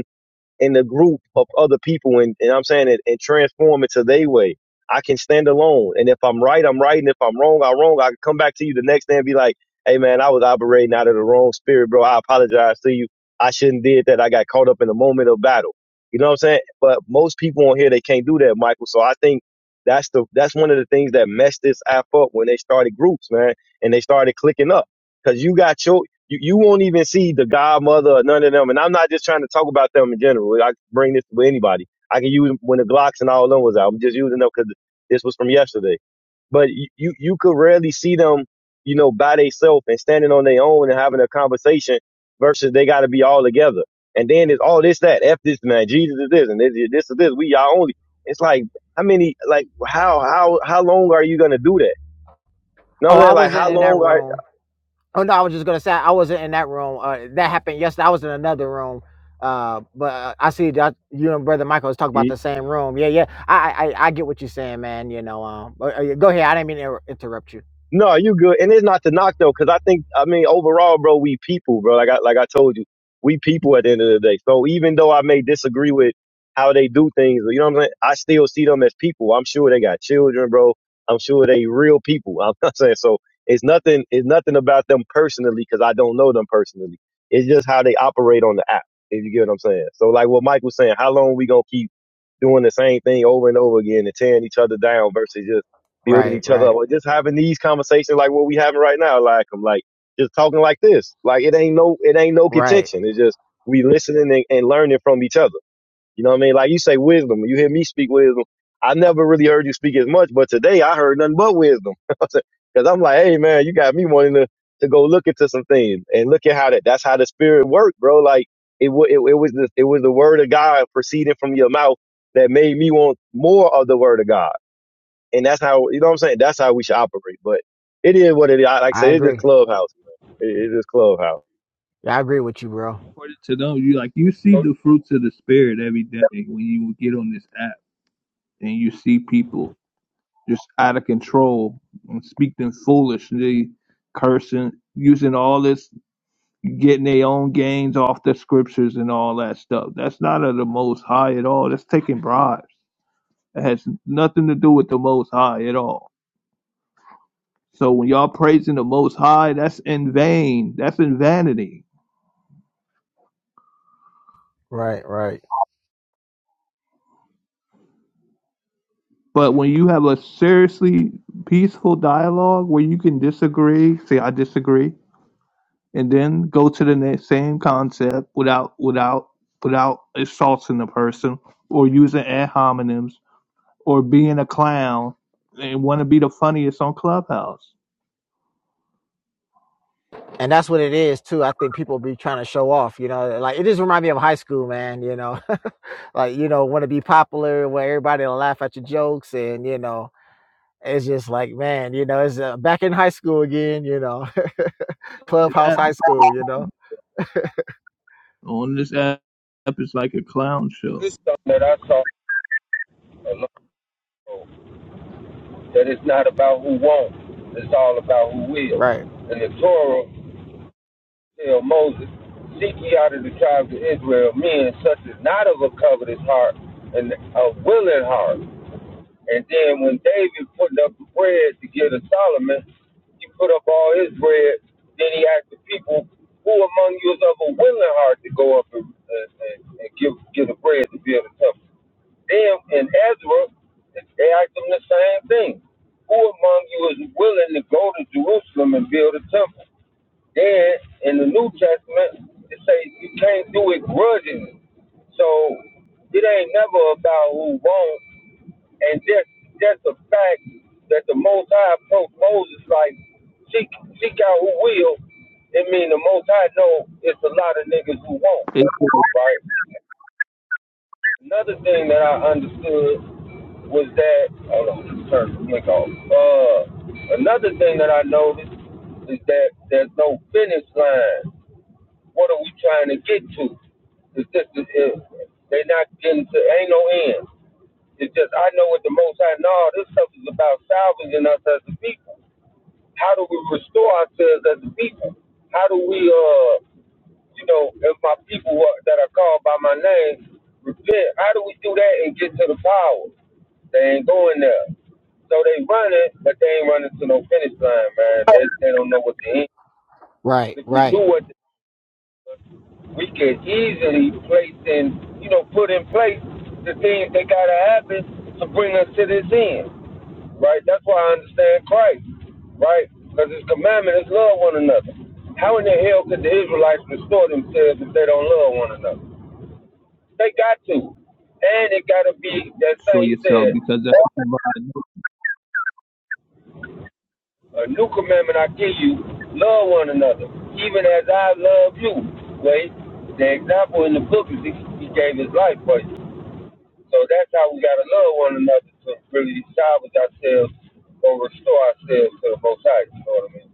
[SPEAKER 2] in the group of other people and, and I'm saying it and transform it to their way. I can stand alone. And if I'm right, I'm right. And if I'm wrong, I'm wrong. I can come back to you the next day and be like, hey man, I was operating out of the wrong spirit, bro. I apologize to you. I shouldn't did that. I got caught up in the moment of battle. You know what I'm saying? But most people on here they can't do that, Michael. So I think that's the that's one of the things that messed this app up when they started groups, man, and they started clicking up. Cause you got your you, you won't even see the godmother or none of them. And I'm not just trying to talk about them in general. I can bring this with anybody. I can use when the Glocks and all of them was out. I'm just using them because this was from yesterday. But you, you, you could rarely see them, you know, by themselves and standing on their own and having a conversation versus they got to be all together. And then it's all this, that, F this man, Jesus is this, and this, this is this, we y'all only. It's like, how many, like, how, how, how long are you going to do that? You know what
[SPEAKER 3] Oh,
[SPEAKER 2] I'm
[SPEAKER 3] I
[SPEAKER 2] saying? Like,
[SPEAKER 3] wasn't
[SPEAKER 2] how
[SPEAKER 3] in that
[SPEAKER 2] long are,
[SPEAKER 3] room. Oh no, I was just gonna say I wasn't in that room. Uh, that happened yesterday. I was in another room. Uh, but uh, I see that you and brother Michael was talking about the same room. Yeah, yeah. I, I, I get what you're saying, man. You know, um, but, uh, yeah, go ahead. I didn't mean to inter- interrupt you.
[SPEAKER 2] No, you good. And it's not to knock though, because I think I mean overall, bro, we people, bro. Like I like I told you, we people at the end of the day. So even though I may disagree with how they do things, you know what I'm saying? I still see them as people. I'm sure they got children, bro. I'm sure they real people. I'm not saying so. It's nothing. It's nothing about them personally, because I don't know them personally. It's just how they operate on the app. If you get what I'm saying. So like what Mike was saying, how long we gonna keep? doing the same thing over and over again and tearing each other down versus just building
[SPEAKER 3] Right,
[SPEAKER 2] each other up
[SPEAKER 3] right,
[SPEAKER 2] or just having these conversations like what we having right now, like I'm like just talking like this. Like it ain't no it ain't no
[SPEAKER 3] right.
[SPEAKER 2] contention. It's just we listening and, and learning from each other. You know what I mean? Like you say wisdom. You hear me speak wisdom. I never really heard you speak as much, but today I heard nothing but wisdom. Because I'm like, hey man, you got me wanting to, to go look into some things and look at how that that's how the spirit worked, bro. Like it, wa- it it was the, it was the word of God proceeding from your mouth that made me want more of the word of God, and that's how you know what I'm saying. That's how we should operate. But it is what it is. I- Like I
[SPEAKER 3] I
[SPEAKER 2] said, it's just
[SPEAKER 3] agree.
[SPEAKER 2] clubhouse. Man. It, it's just clubhouse.
[SPEAKER 3] Yeah, I agree with you, bro.
[SPEAKER 4] According to them, you like you see
[SPEAKER 1] So
[SPEAKER 4] the fruits of the spirit every day when you get on this app and you see people just out of control and speaking foolishly, cursing, using all this, getting their own gains off the scriptures and all that stuff. That's not of the Most High at all. That's taking bribes. It has nothing to do with the Most High at all. So when y'all praising the Most High, that's in vain. That's in vanity.
[SPEAKER 3] Right, right.
[SPEAKER 4] But when you have a seriously peaceful dialogue where you can disagree, say I disagree, and then go to the next same concept without without without assaulting the person or using ad hominems or being a clown and want to be the funniest on Clubhouse.
[SPEAKER 3] And that's what it is too. I think people be trying to show off. You know, like it just remind me of high school, man. You know, like you know, want to be popular, where everybody will laugh at your jokes, and you know. It's just like, man, you know, it's uh, back in high school again, you know,
[SPEAKER 4] On this
[SPEAKER 3] clubhouse
[SPEAKER 4] app,
[SPEAKER 3] high school, you know.
[SPEAKER 4] on this app, it's like a clown show.
[SPEAKER 1] this something that I saw a long ago, that it's not about who won't, it's all about who will.
[SPEAKER 3] Right,
[SPEAKER 1] And the Torah tell Moses, Seek ye out of the tribes of Israel men such as not of a covetous heart and a willing heart. And then when David putting up the bread to give to Solomon, he put up all his bread. Then he asked the people, Who among you is of a willing heart to go up and, and, and, and give, give the bread to build the temple? Then in Ezra, they asked them the same thing. Who among you is willing to go to Jerusalem and build a temple? Then in the New Testament, it say you can't do it grudgingly. So it ain't never about who won't, and just just the fact that the Most High approached Moses like seek seek out who will. It mean the Most High know it's a lot of niggas who won't,
[SPEAKER 4] It's
[SPEAKER 1] right? Another thing that I understood was that hold on, just turn the mic off. Uh, another thing that I noticed is that there's no finish line what are we trying to get to? It's just it, it- they not getting to ain't no end. It's just I know what the Most High know. all This stuff is about salvaging us as a people. How do we restore ourselves as a people? How do we, uh, you know, if my people who are, that are called by my name repent? How do we do that and get to the power? They ain't going there. So they running, but they ain't running to no finish line, man. They they don't know what the end.
[SPEAKER 3] right,
[SPEAKER 1] If we
[SPEAKER 3] right,
[SPEAKER 1] knew what we could easily place and you know put in place the things that gotta happen to bring us to this end, right? That's why I understand Christ, right? Because His commandment is love one another. How in the hell could the Israelites restore themselves if they don't love one another? They got to, and it gotta be that
[SPEAKER 4] show
[SPEAKER 1] same. He said,
[SPEAKER 4] yourself because that's what you do.
[SPEAKER 1] "A new commandment I give you: love one another, even as I love you." Wait, the example in the book is he gave his life for you. So that's how we gotta love one another to really salvage ourselves or restore ourselves to the Most High. You know what I mean?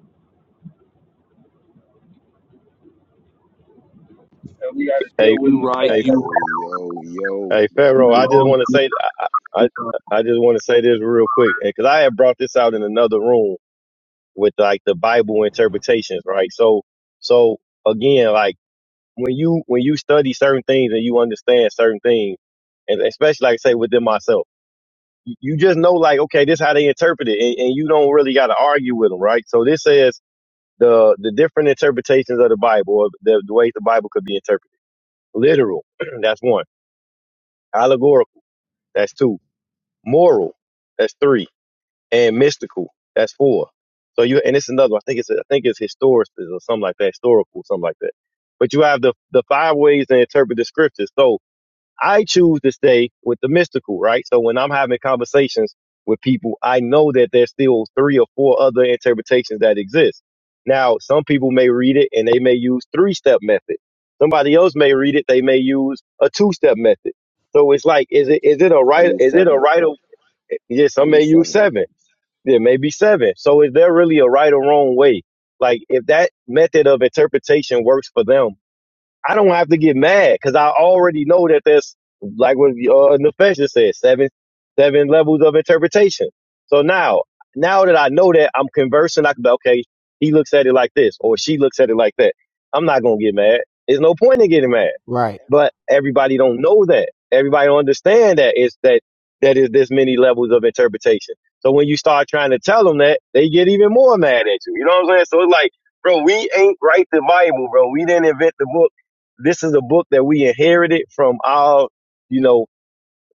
[SPEAKER 1] And we gotta
[SPEAKER 2] Hey,
[SPEAKER 1] deal with the
[SPEAKER 4] right,
[SPEAKER 2] hey,
[SPEAKER 1] offense.
[SPEAKER 4] you,
[SPEAKER 5] Yo, yo, yo,
[SPEAKER 2] Hey,
[SPEAKER 5] black
[SPEAKER 2] Pharaoh,
[SPEAKER 4] you
[SPEAKER 2] I just
[SPEAKER 4] wrong.
[SPEAKER 5] people.
[SPEAKER 2] want to say, I, I, I just want to say this real quick, because I had brought this out in another room with like the Bible interpretations, right? So, so again, like when you when you study certain things and you understand certain things, and especially like say within myself, you you just know like okay, this how they interpret it, and, and you don't really got to argue with them, right? So this says the the different interpretations of the Bible, or the, the ways the Bible could be interpreted. Literal, that's one. Allegorical, that's two. Moral, that's three and mystical. That's four. So you and it's another. One. I think it's I think it's historical or something like that, historical, something like that. But you have the the five ways to interpret the scriptures. So I choose to stay with the mystical, right? So when I'm having conversations with people, I know that there's still three or four other interpretations that exist. Now, some people may read it and they may use three step method. Somebody else may read it, they may use a two step method. So it's like, is it is it a
[SPEAKER 5] I
[SPEAKER 2] right
[SPEAKER 5] use
[SPEAKER 2] is it a
[SPEAKER 5] seven.
[SPEAKER 2] right of yeah,
[SPEAKER 5] I
[SPEAKER 2] some may
[SPEAKER 5] use
[SPEAKER 2] use
[SPEAKER 5] seven.
[SPEAKER 2] seven. There may be seven. So is there really a right or wrong way? Like if that method of interpretation works for them, I don't have to get mad because I already know that there's like what uh, Nefesha said, seven seven levels of interpretation. So now, now that I know that I'm conversing, I can be okay. He looks at it like this, or she looks at it like that. I'm not gonna get mad. There's no point in getting mad
[SPEAKER 3] right.
[SPEAKER 2] but everybody don't know that. Everybody don't understand that it's that that is this many levels of interpretation. So when you start trying to tell them that, they get even more mad at you. You know what I'm saying? So it's like, bro, we ain't write the Bible, bro. We didn't invent the book. This is a book that we inherited from our, you know,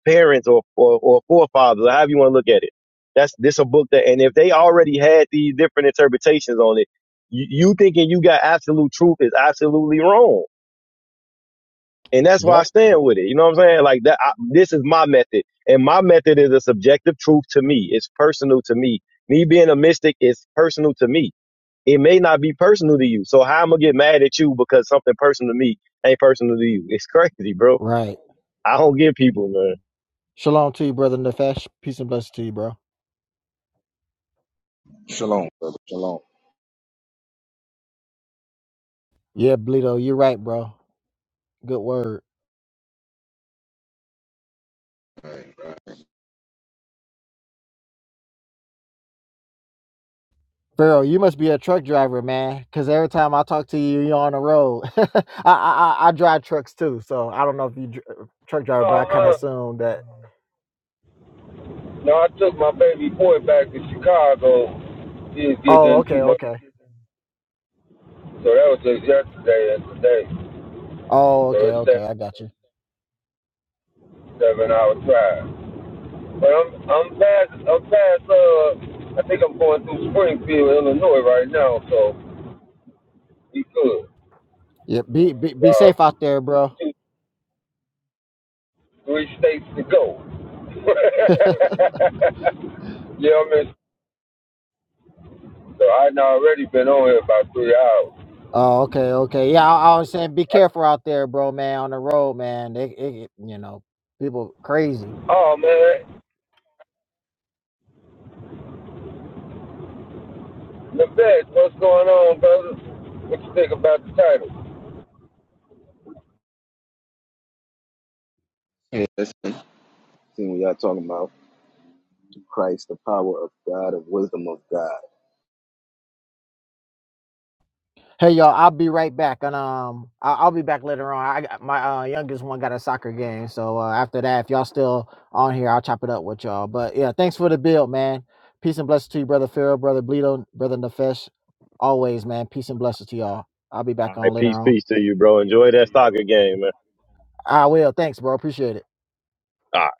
[SPEAKER 2] parents or or, or forefathers, or however you want to look at it. That's this a book that, and if they already had these different interpretations on it, you, you thinking you got absolute truth is absolutely wrong and that's why I
[SPEAKER 3] Yep,
[SPEAKER 2] stand with it. You know what I'm saying? Like that. I, this is my method, and my method is a subjective truth to me. It's personal to me. Me being a mystic is personal to me. It may not be personal to you. So how am I get mad at you because something personal to me ain't personal to you? It's crazy, bro.
[SPEAKER 3] right.
[SPEAKER 2] I don't get people, man.
[SPEAKER 3] Shalom to you, brother Nefesh. Peace and blessings to you, bro.
[SPEAKER 5] Shalom, brother. Shalom.
[SPEAKER 3] Yeah, Bleedo, you're right, bro. Good word. Pharaoh, you must be a truck driver, man. Cause every time I talk to you, you're on the road. I, I I I drive trucks too, so I don't know if you dr- uh, truck driver, but
[SPEAKER 1] Uh
[SPEAKER 3] I kind of
[SPEAKER 1] huh.
[SPEAKER 3] assume that.
[SPEAKER 1] No, I took my baby boy back to Chicago. He was
[SPEAKER 3] Oh,
[SPEAKER 1] getting in
[SPEAKER 3] okay,
[SPEAKER 1] too much.
[SPEAKER 3] okay.
[SPEAKER 1] So that was just yesterday and today.
[SPEAKER 3] Oh,
[SPEAKER 1] So
[SPEAKER 3] okay,
[SPEAKER 1] it's that
[SPEAKER 3] okay. I got you.
[SPEAKER 1] seven hour drive. But I'm I'm past I'm past uh I think I'm going through Springfield, Illinois right now, so we good.
[SPEAKER 3] Yeah, be, be be safe
[SPEAKER 1] Um,
[SPEAKER 3] out there, bro.
[SPEAKER 1] Two. three states to go. yeah, I mean, so I done already been on here about three hours.
[SPEAKER 3] Oh, okay, okay. Yeah, I, I was saying be careful out there, bro, man, on the road, man. It, it, it- you know, people crazy.
[SPEAKER 1] Oh man, the best. What's going on, brother? What you think about the title?
[SPEAKER 5] Hey, listen, seeing what y'all talking about. Christ, the power of God, of wisdom of God.
[SPEAKER 3] Hey, y'all, I'll be right back, and um, I, I'll be back later on. I got my uh, youngest one got a soccer game, so uh, after that, if y'all still on here, I'll chop it up with y'all. But yeah, thanks for the build, man. Peace and blessings to you, brother Phil, brother Bleedo, brother Nefesh. Always, man. Peace and blessings to y'all. I'll be back
[SPEAKER 2] All
[SPEAKER 3] on
[SPEAKER 2] right,
[SPEAKER 3] later
[SPEAKER 2] peace,
[SPEAKER 3] on.
[SPEAKER 2] peace to you, bro. Enjoy that soccer game, man.
[SPEAKER 3] I will. Thanks, bro. Appreciate it.
[SPEAKER 2] All right,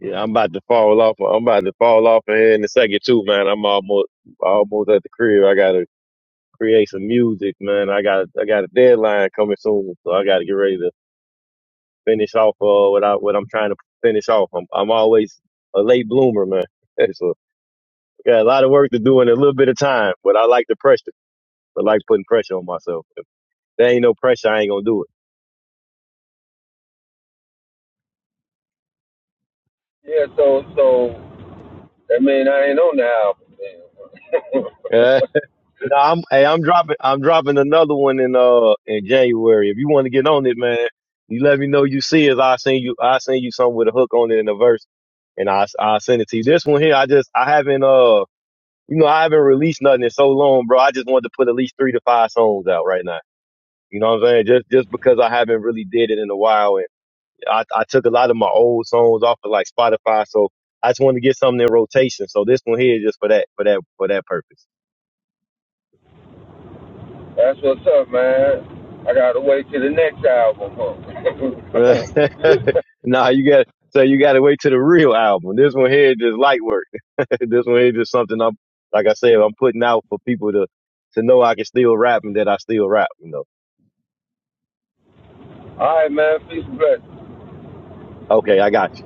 [SPEAKER 2] yeah, I'm about to fall off. I'm about to fall off in here in a second too, man. I'm almost almost at the crib. I gotta create some music, man. I got I got a deadline coming soon, so I got to get ready to finish off uh, what I what I'm trying to finish off. I'm I'm always a late bloomer, man. So I got a lot of work to do in a little bit of time, but I like the pressure. I like putting pressure on myself. If there ain't no pressure, I ain't gonna do
[SPEAKER 1] Yeah, so so that mean I ain't on the album.
[SPEAKER 2] it. Uh, no, I'm hey, I'm dropping I'm dropping another one in uh in January. If you want to get on it, man, you let me know you see it. I'll send you I'll send you something with a hook on it and a verse and I I send it to you. This one here, I just I haven't uh You know, I haven't released nothing in so long, bro. I just wanted to put at least three to five songs out right now. You know what I'm saying? Just just because I haven't really did it in a while, and I, I took a lot of my old songs off of like Spotify, so I just wanted to get something in rotation. So this one here is just for that for that for that purpose.
[SPEAKER 1] Man. That's what's up, man. I gotta wait till the next album. Huh?
[SPEAKER 2] nah, you got so you got to wait to the real album. This one here is just light work. this one here is just something I'm like I said I'm putting out for people to to know I can still rap and that I still rap. You know?
[SPEAKER 1] All right, man. Peace and blessings.
[SPEAKER 2] Okay, I got you.